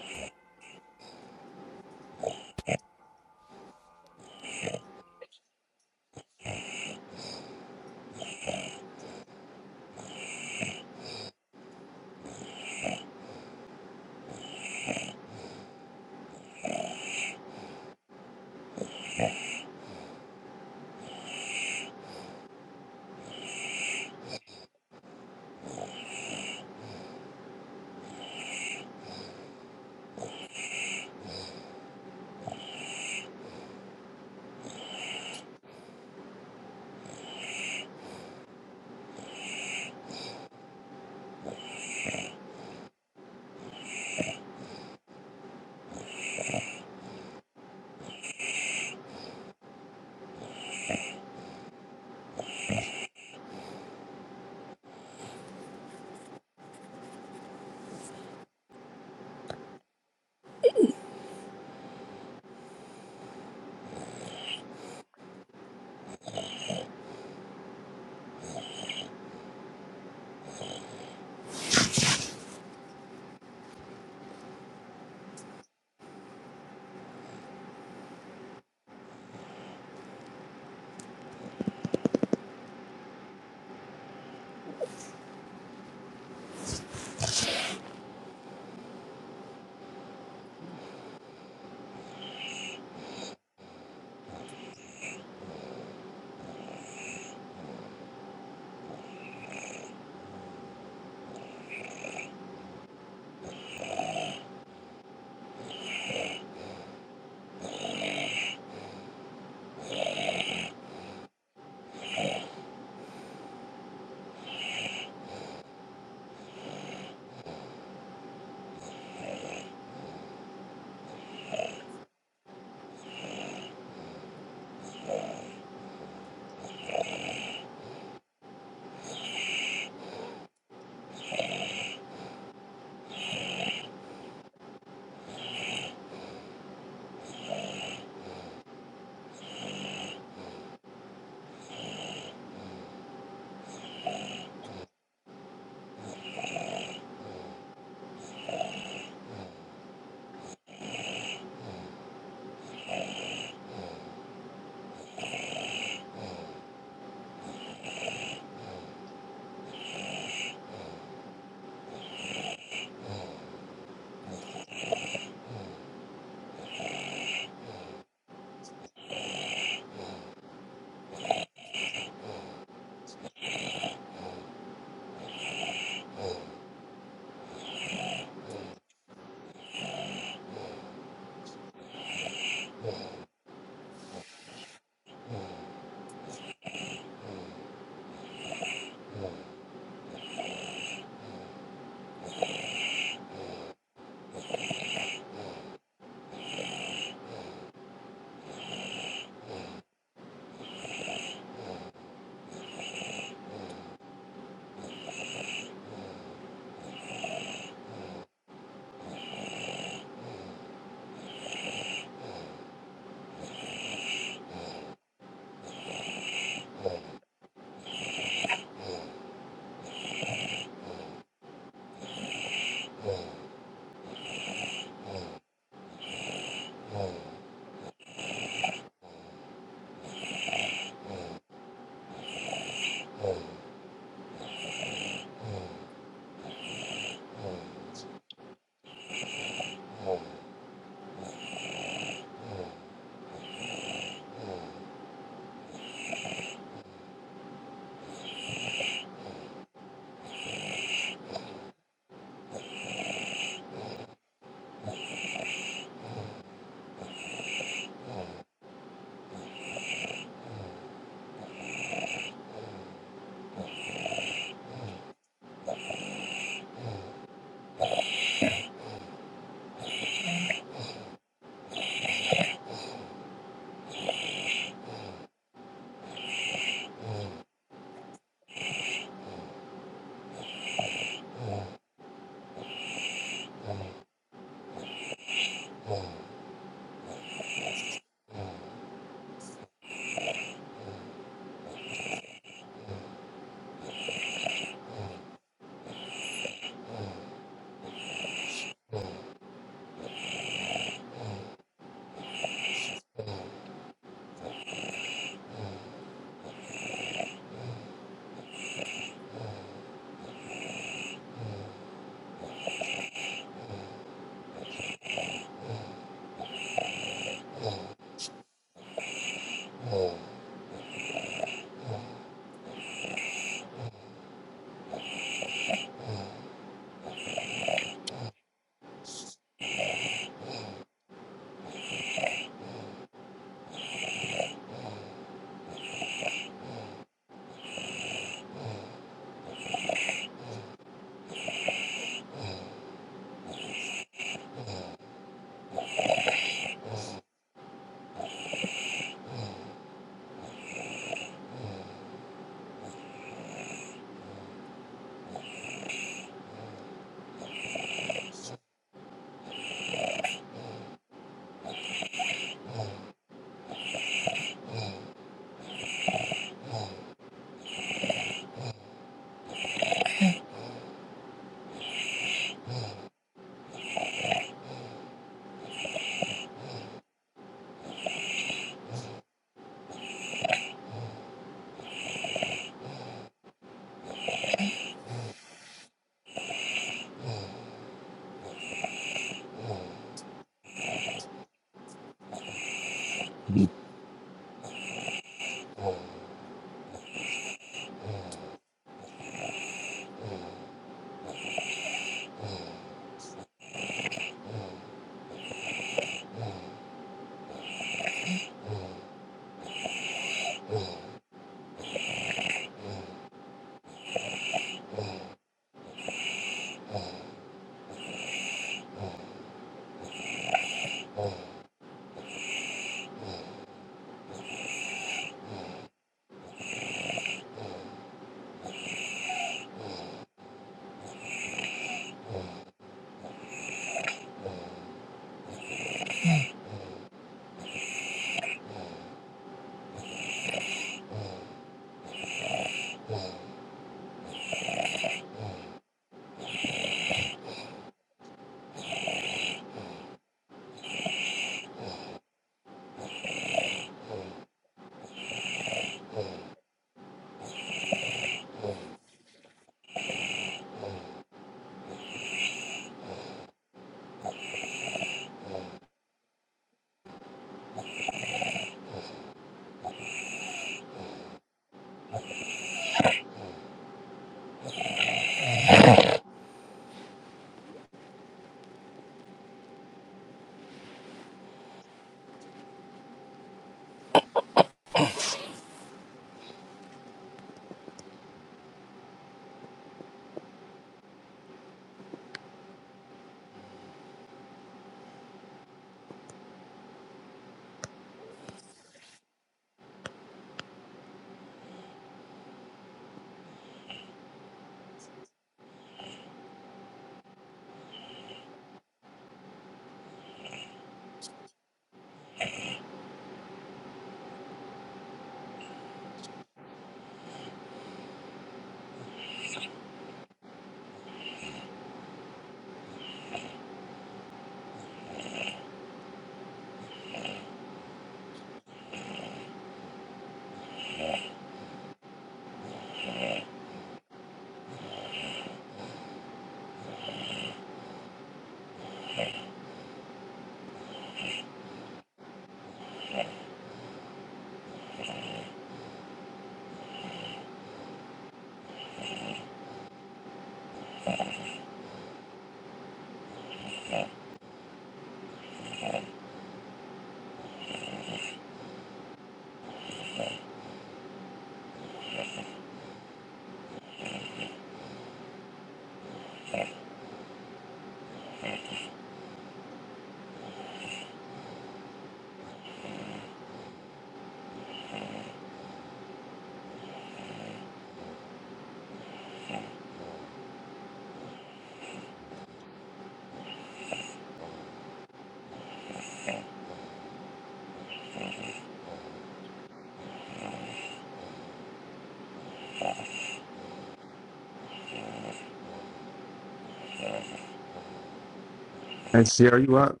S: Hey, Sierra, you up?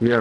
S: Yeah,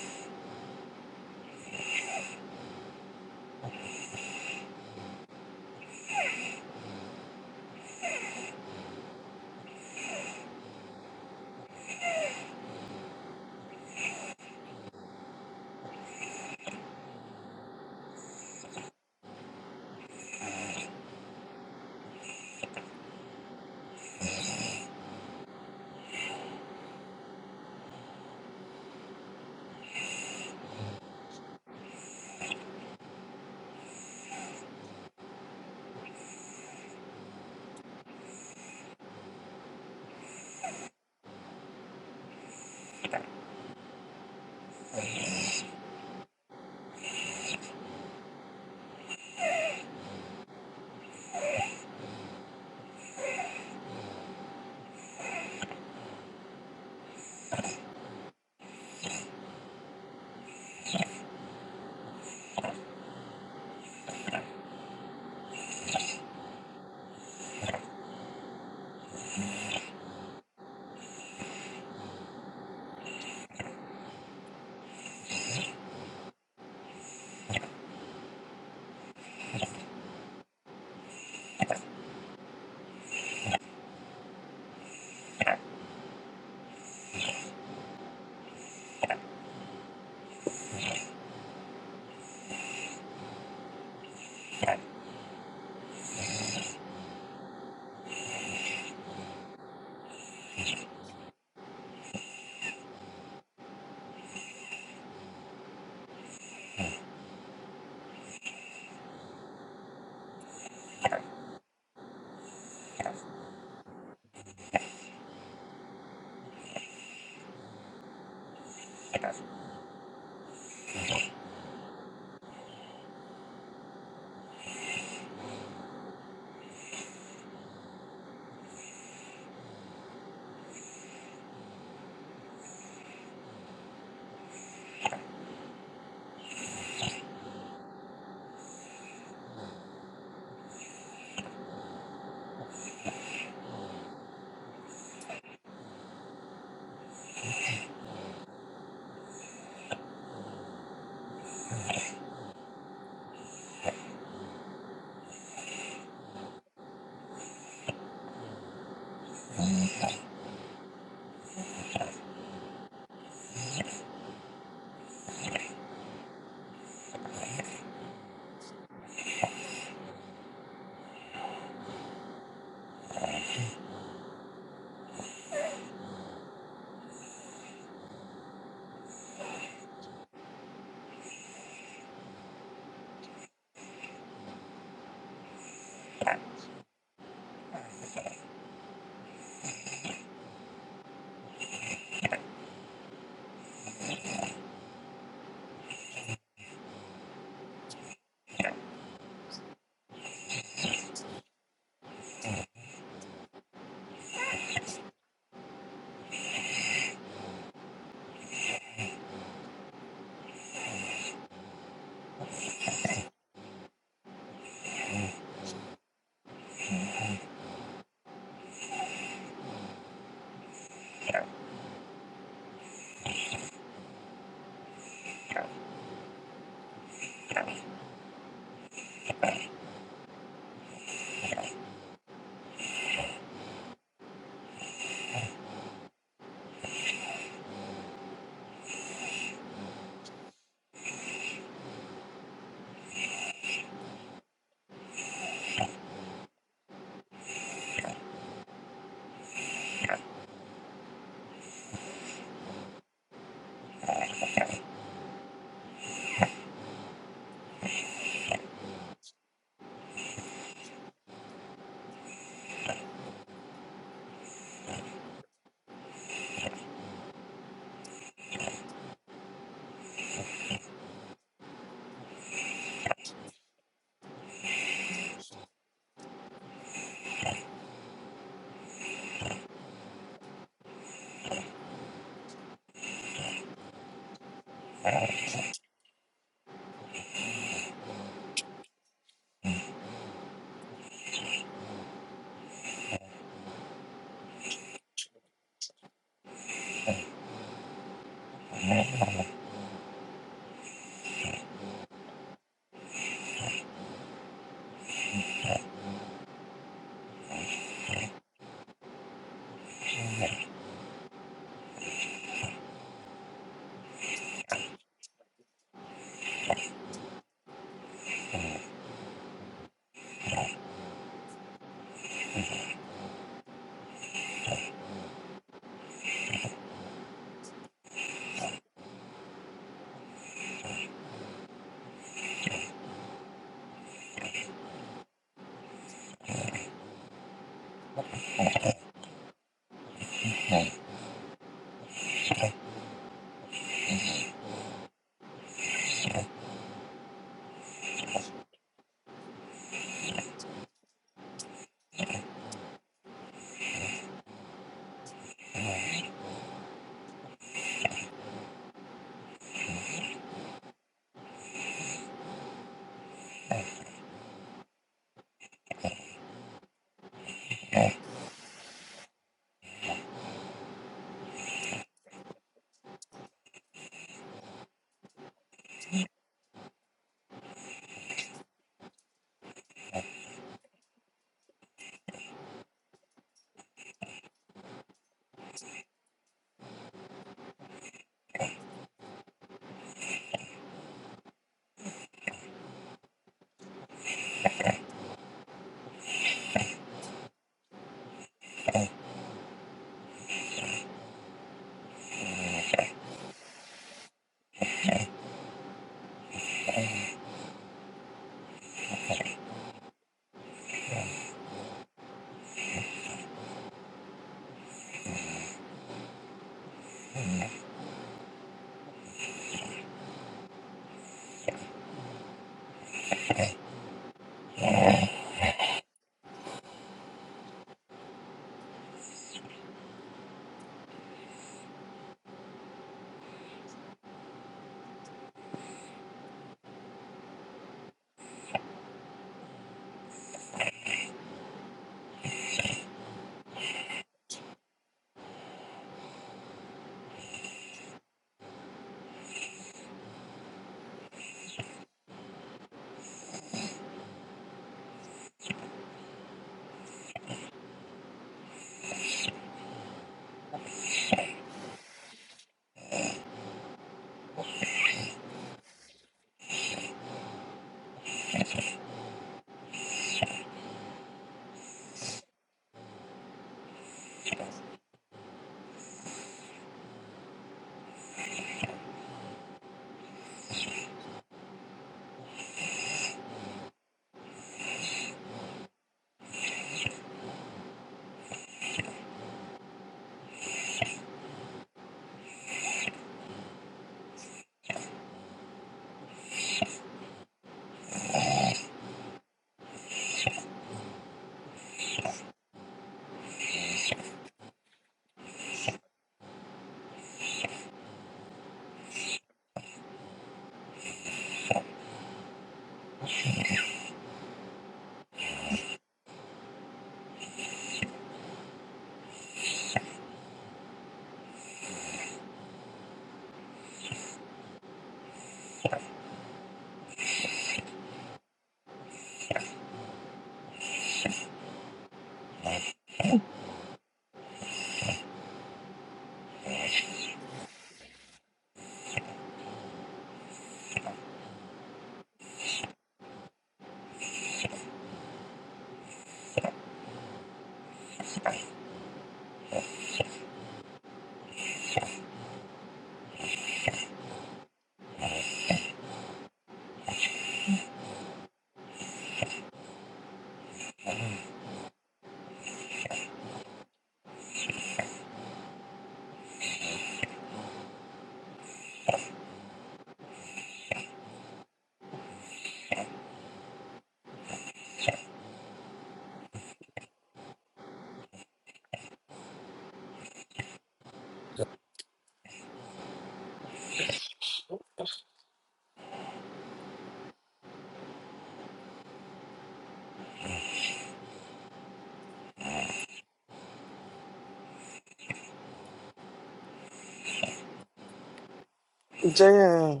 B: Damn.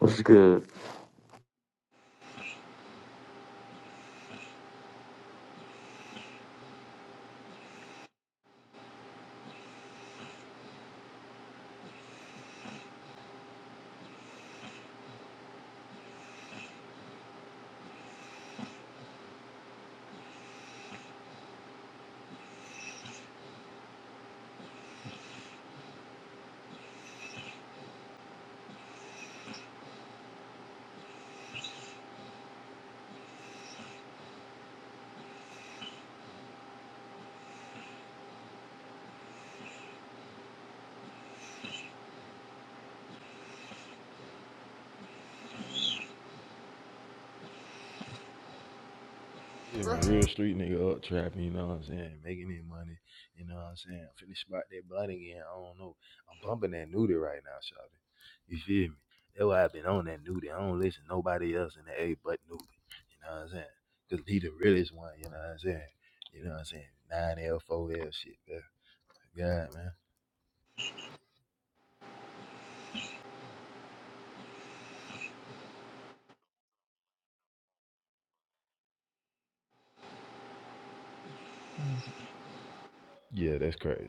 T: What's good?
U: Yeah, real street nigga up trapping, you know what I'm saying? Making his money, you know what I'm saying? I'm finna spot that blunt again. I don't know. I'm bumping that nudie right now, shawty. You feel me? That's why I've been on that nudie. I don't listen to nobody else in the A but nudie. You know what I'm saying? Cause he the realest one, you know what I'm saying? You know what I'm saying? 9L, 4L shit, man. God, man. Yeah, that's crazy.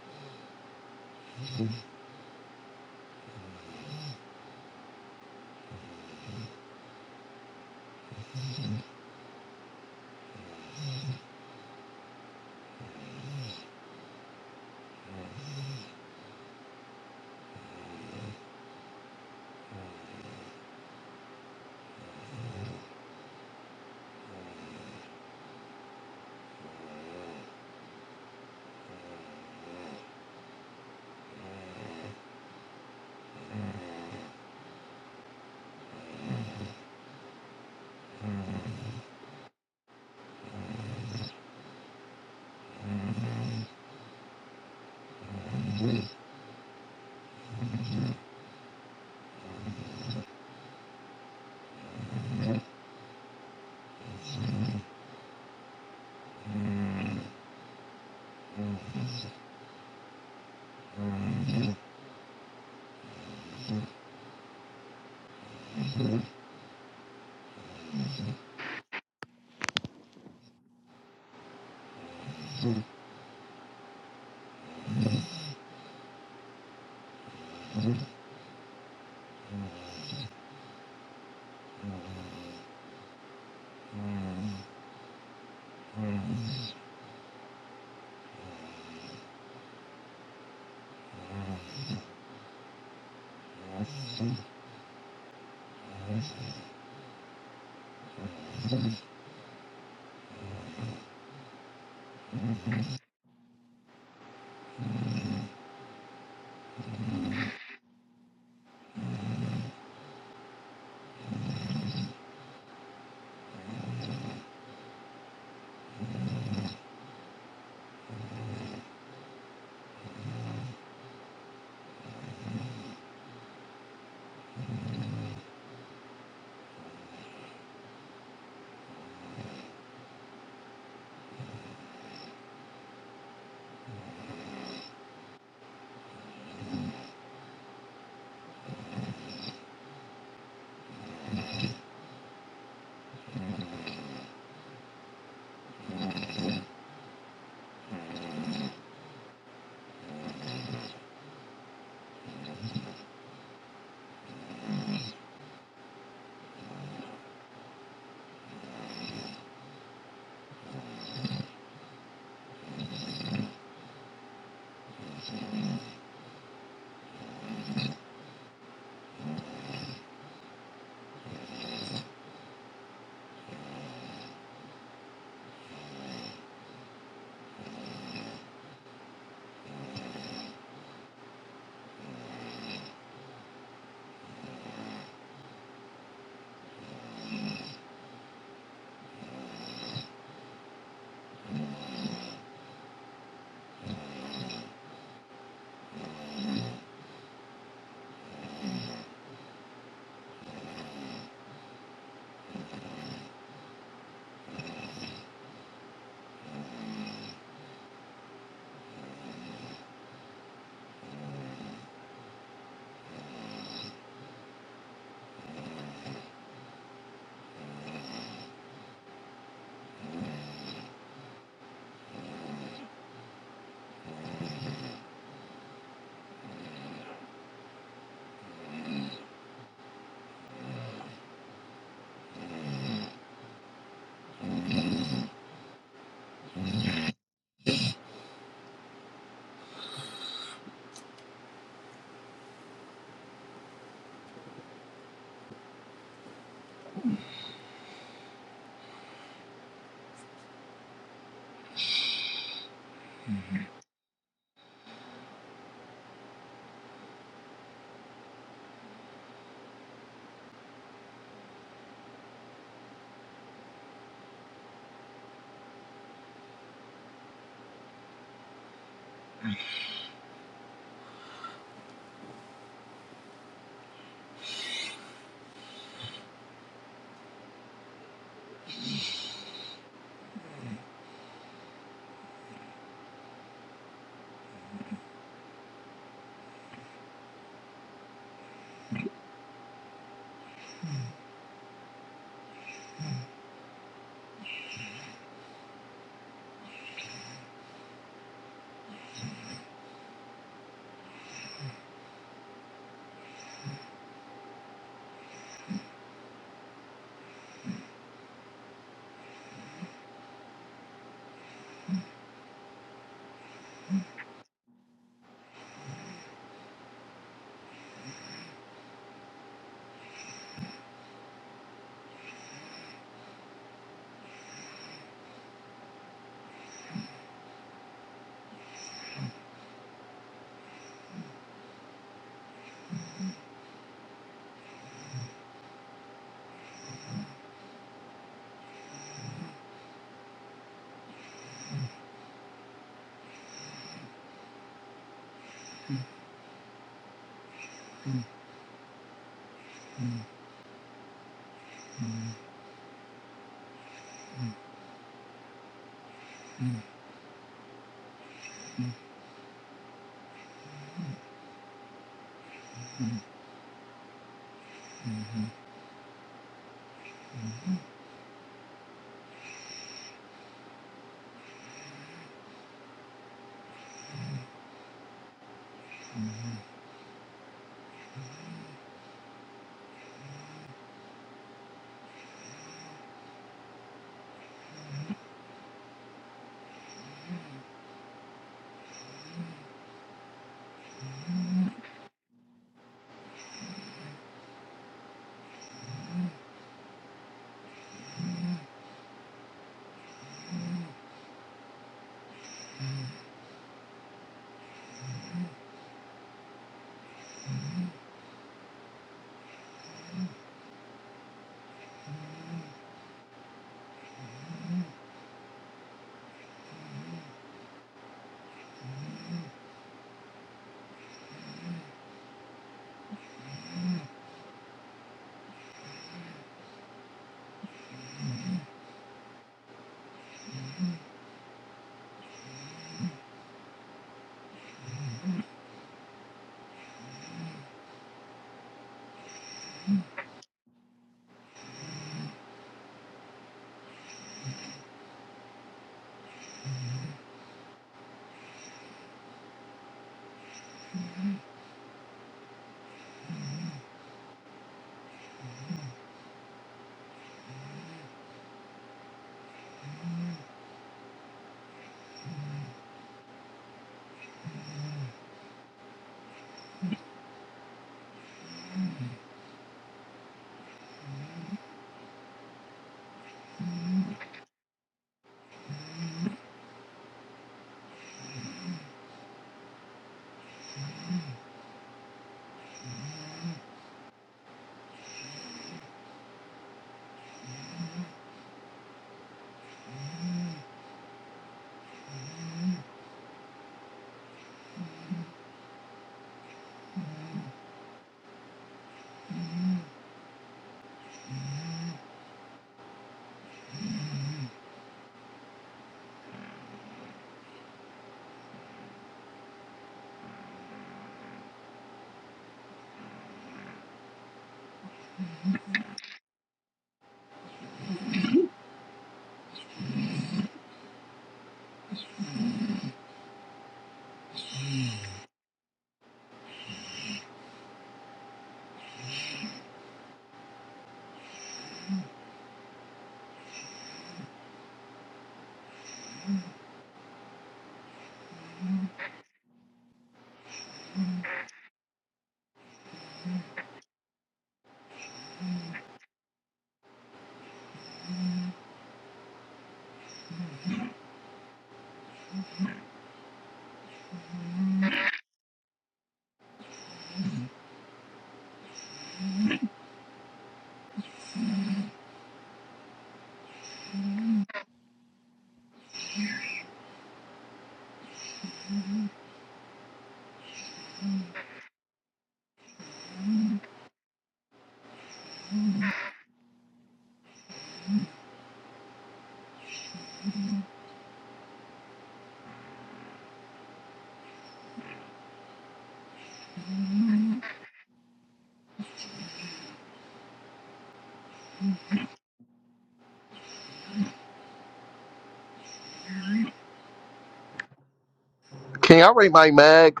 V: Can y'all rate my mag?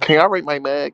V: Can y'all rate my mag?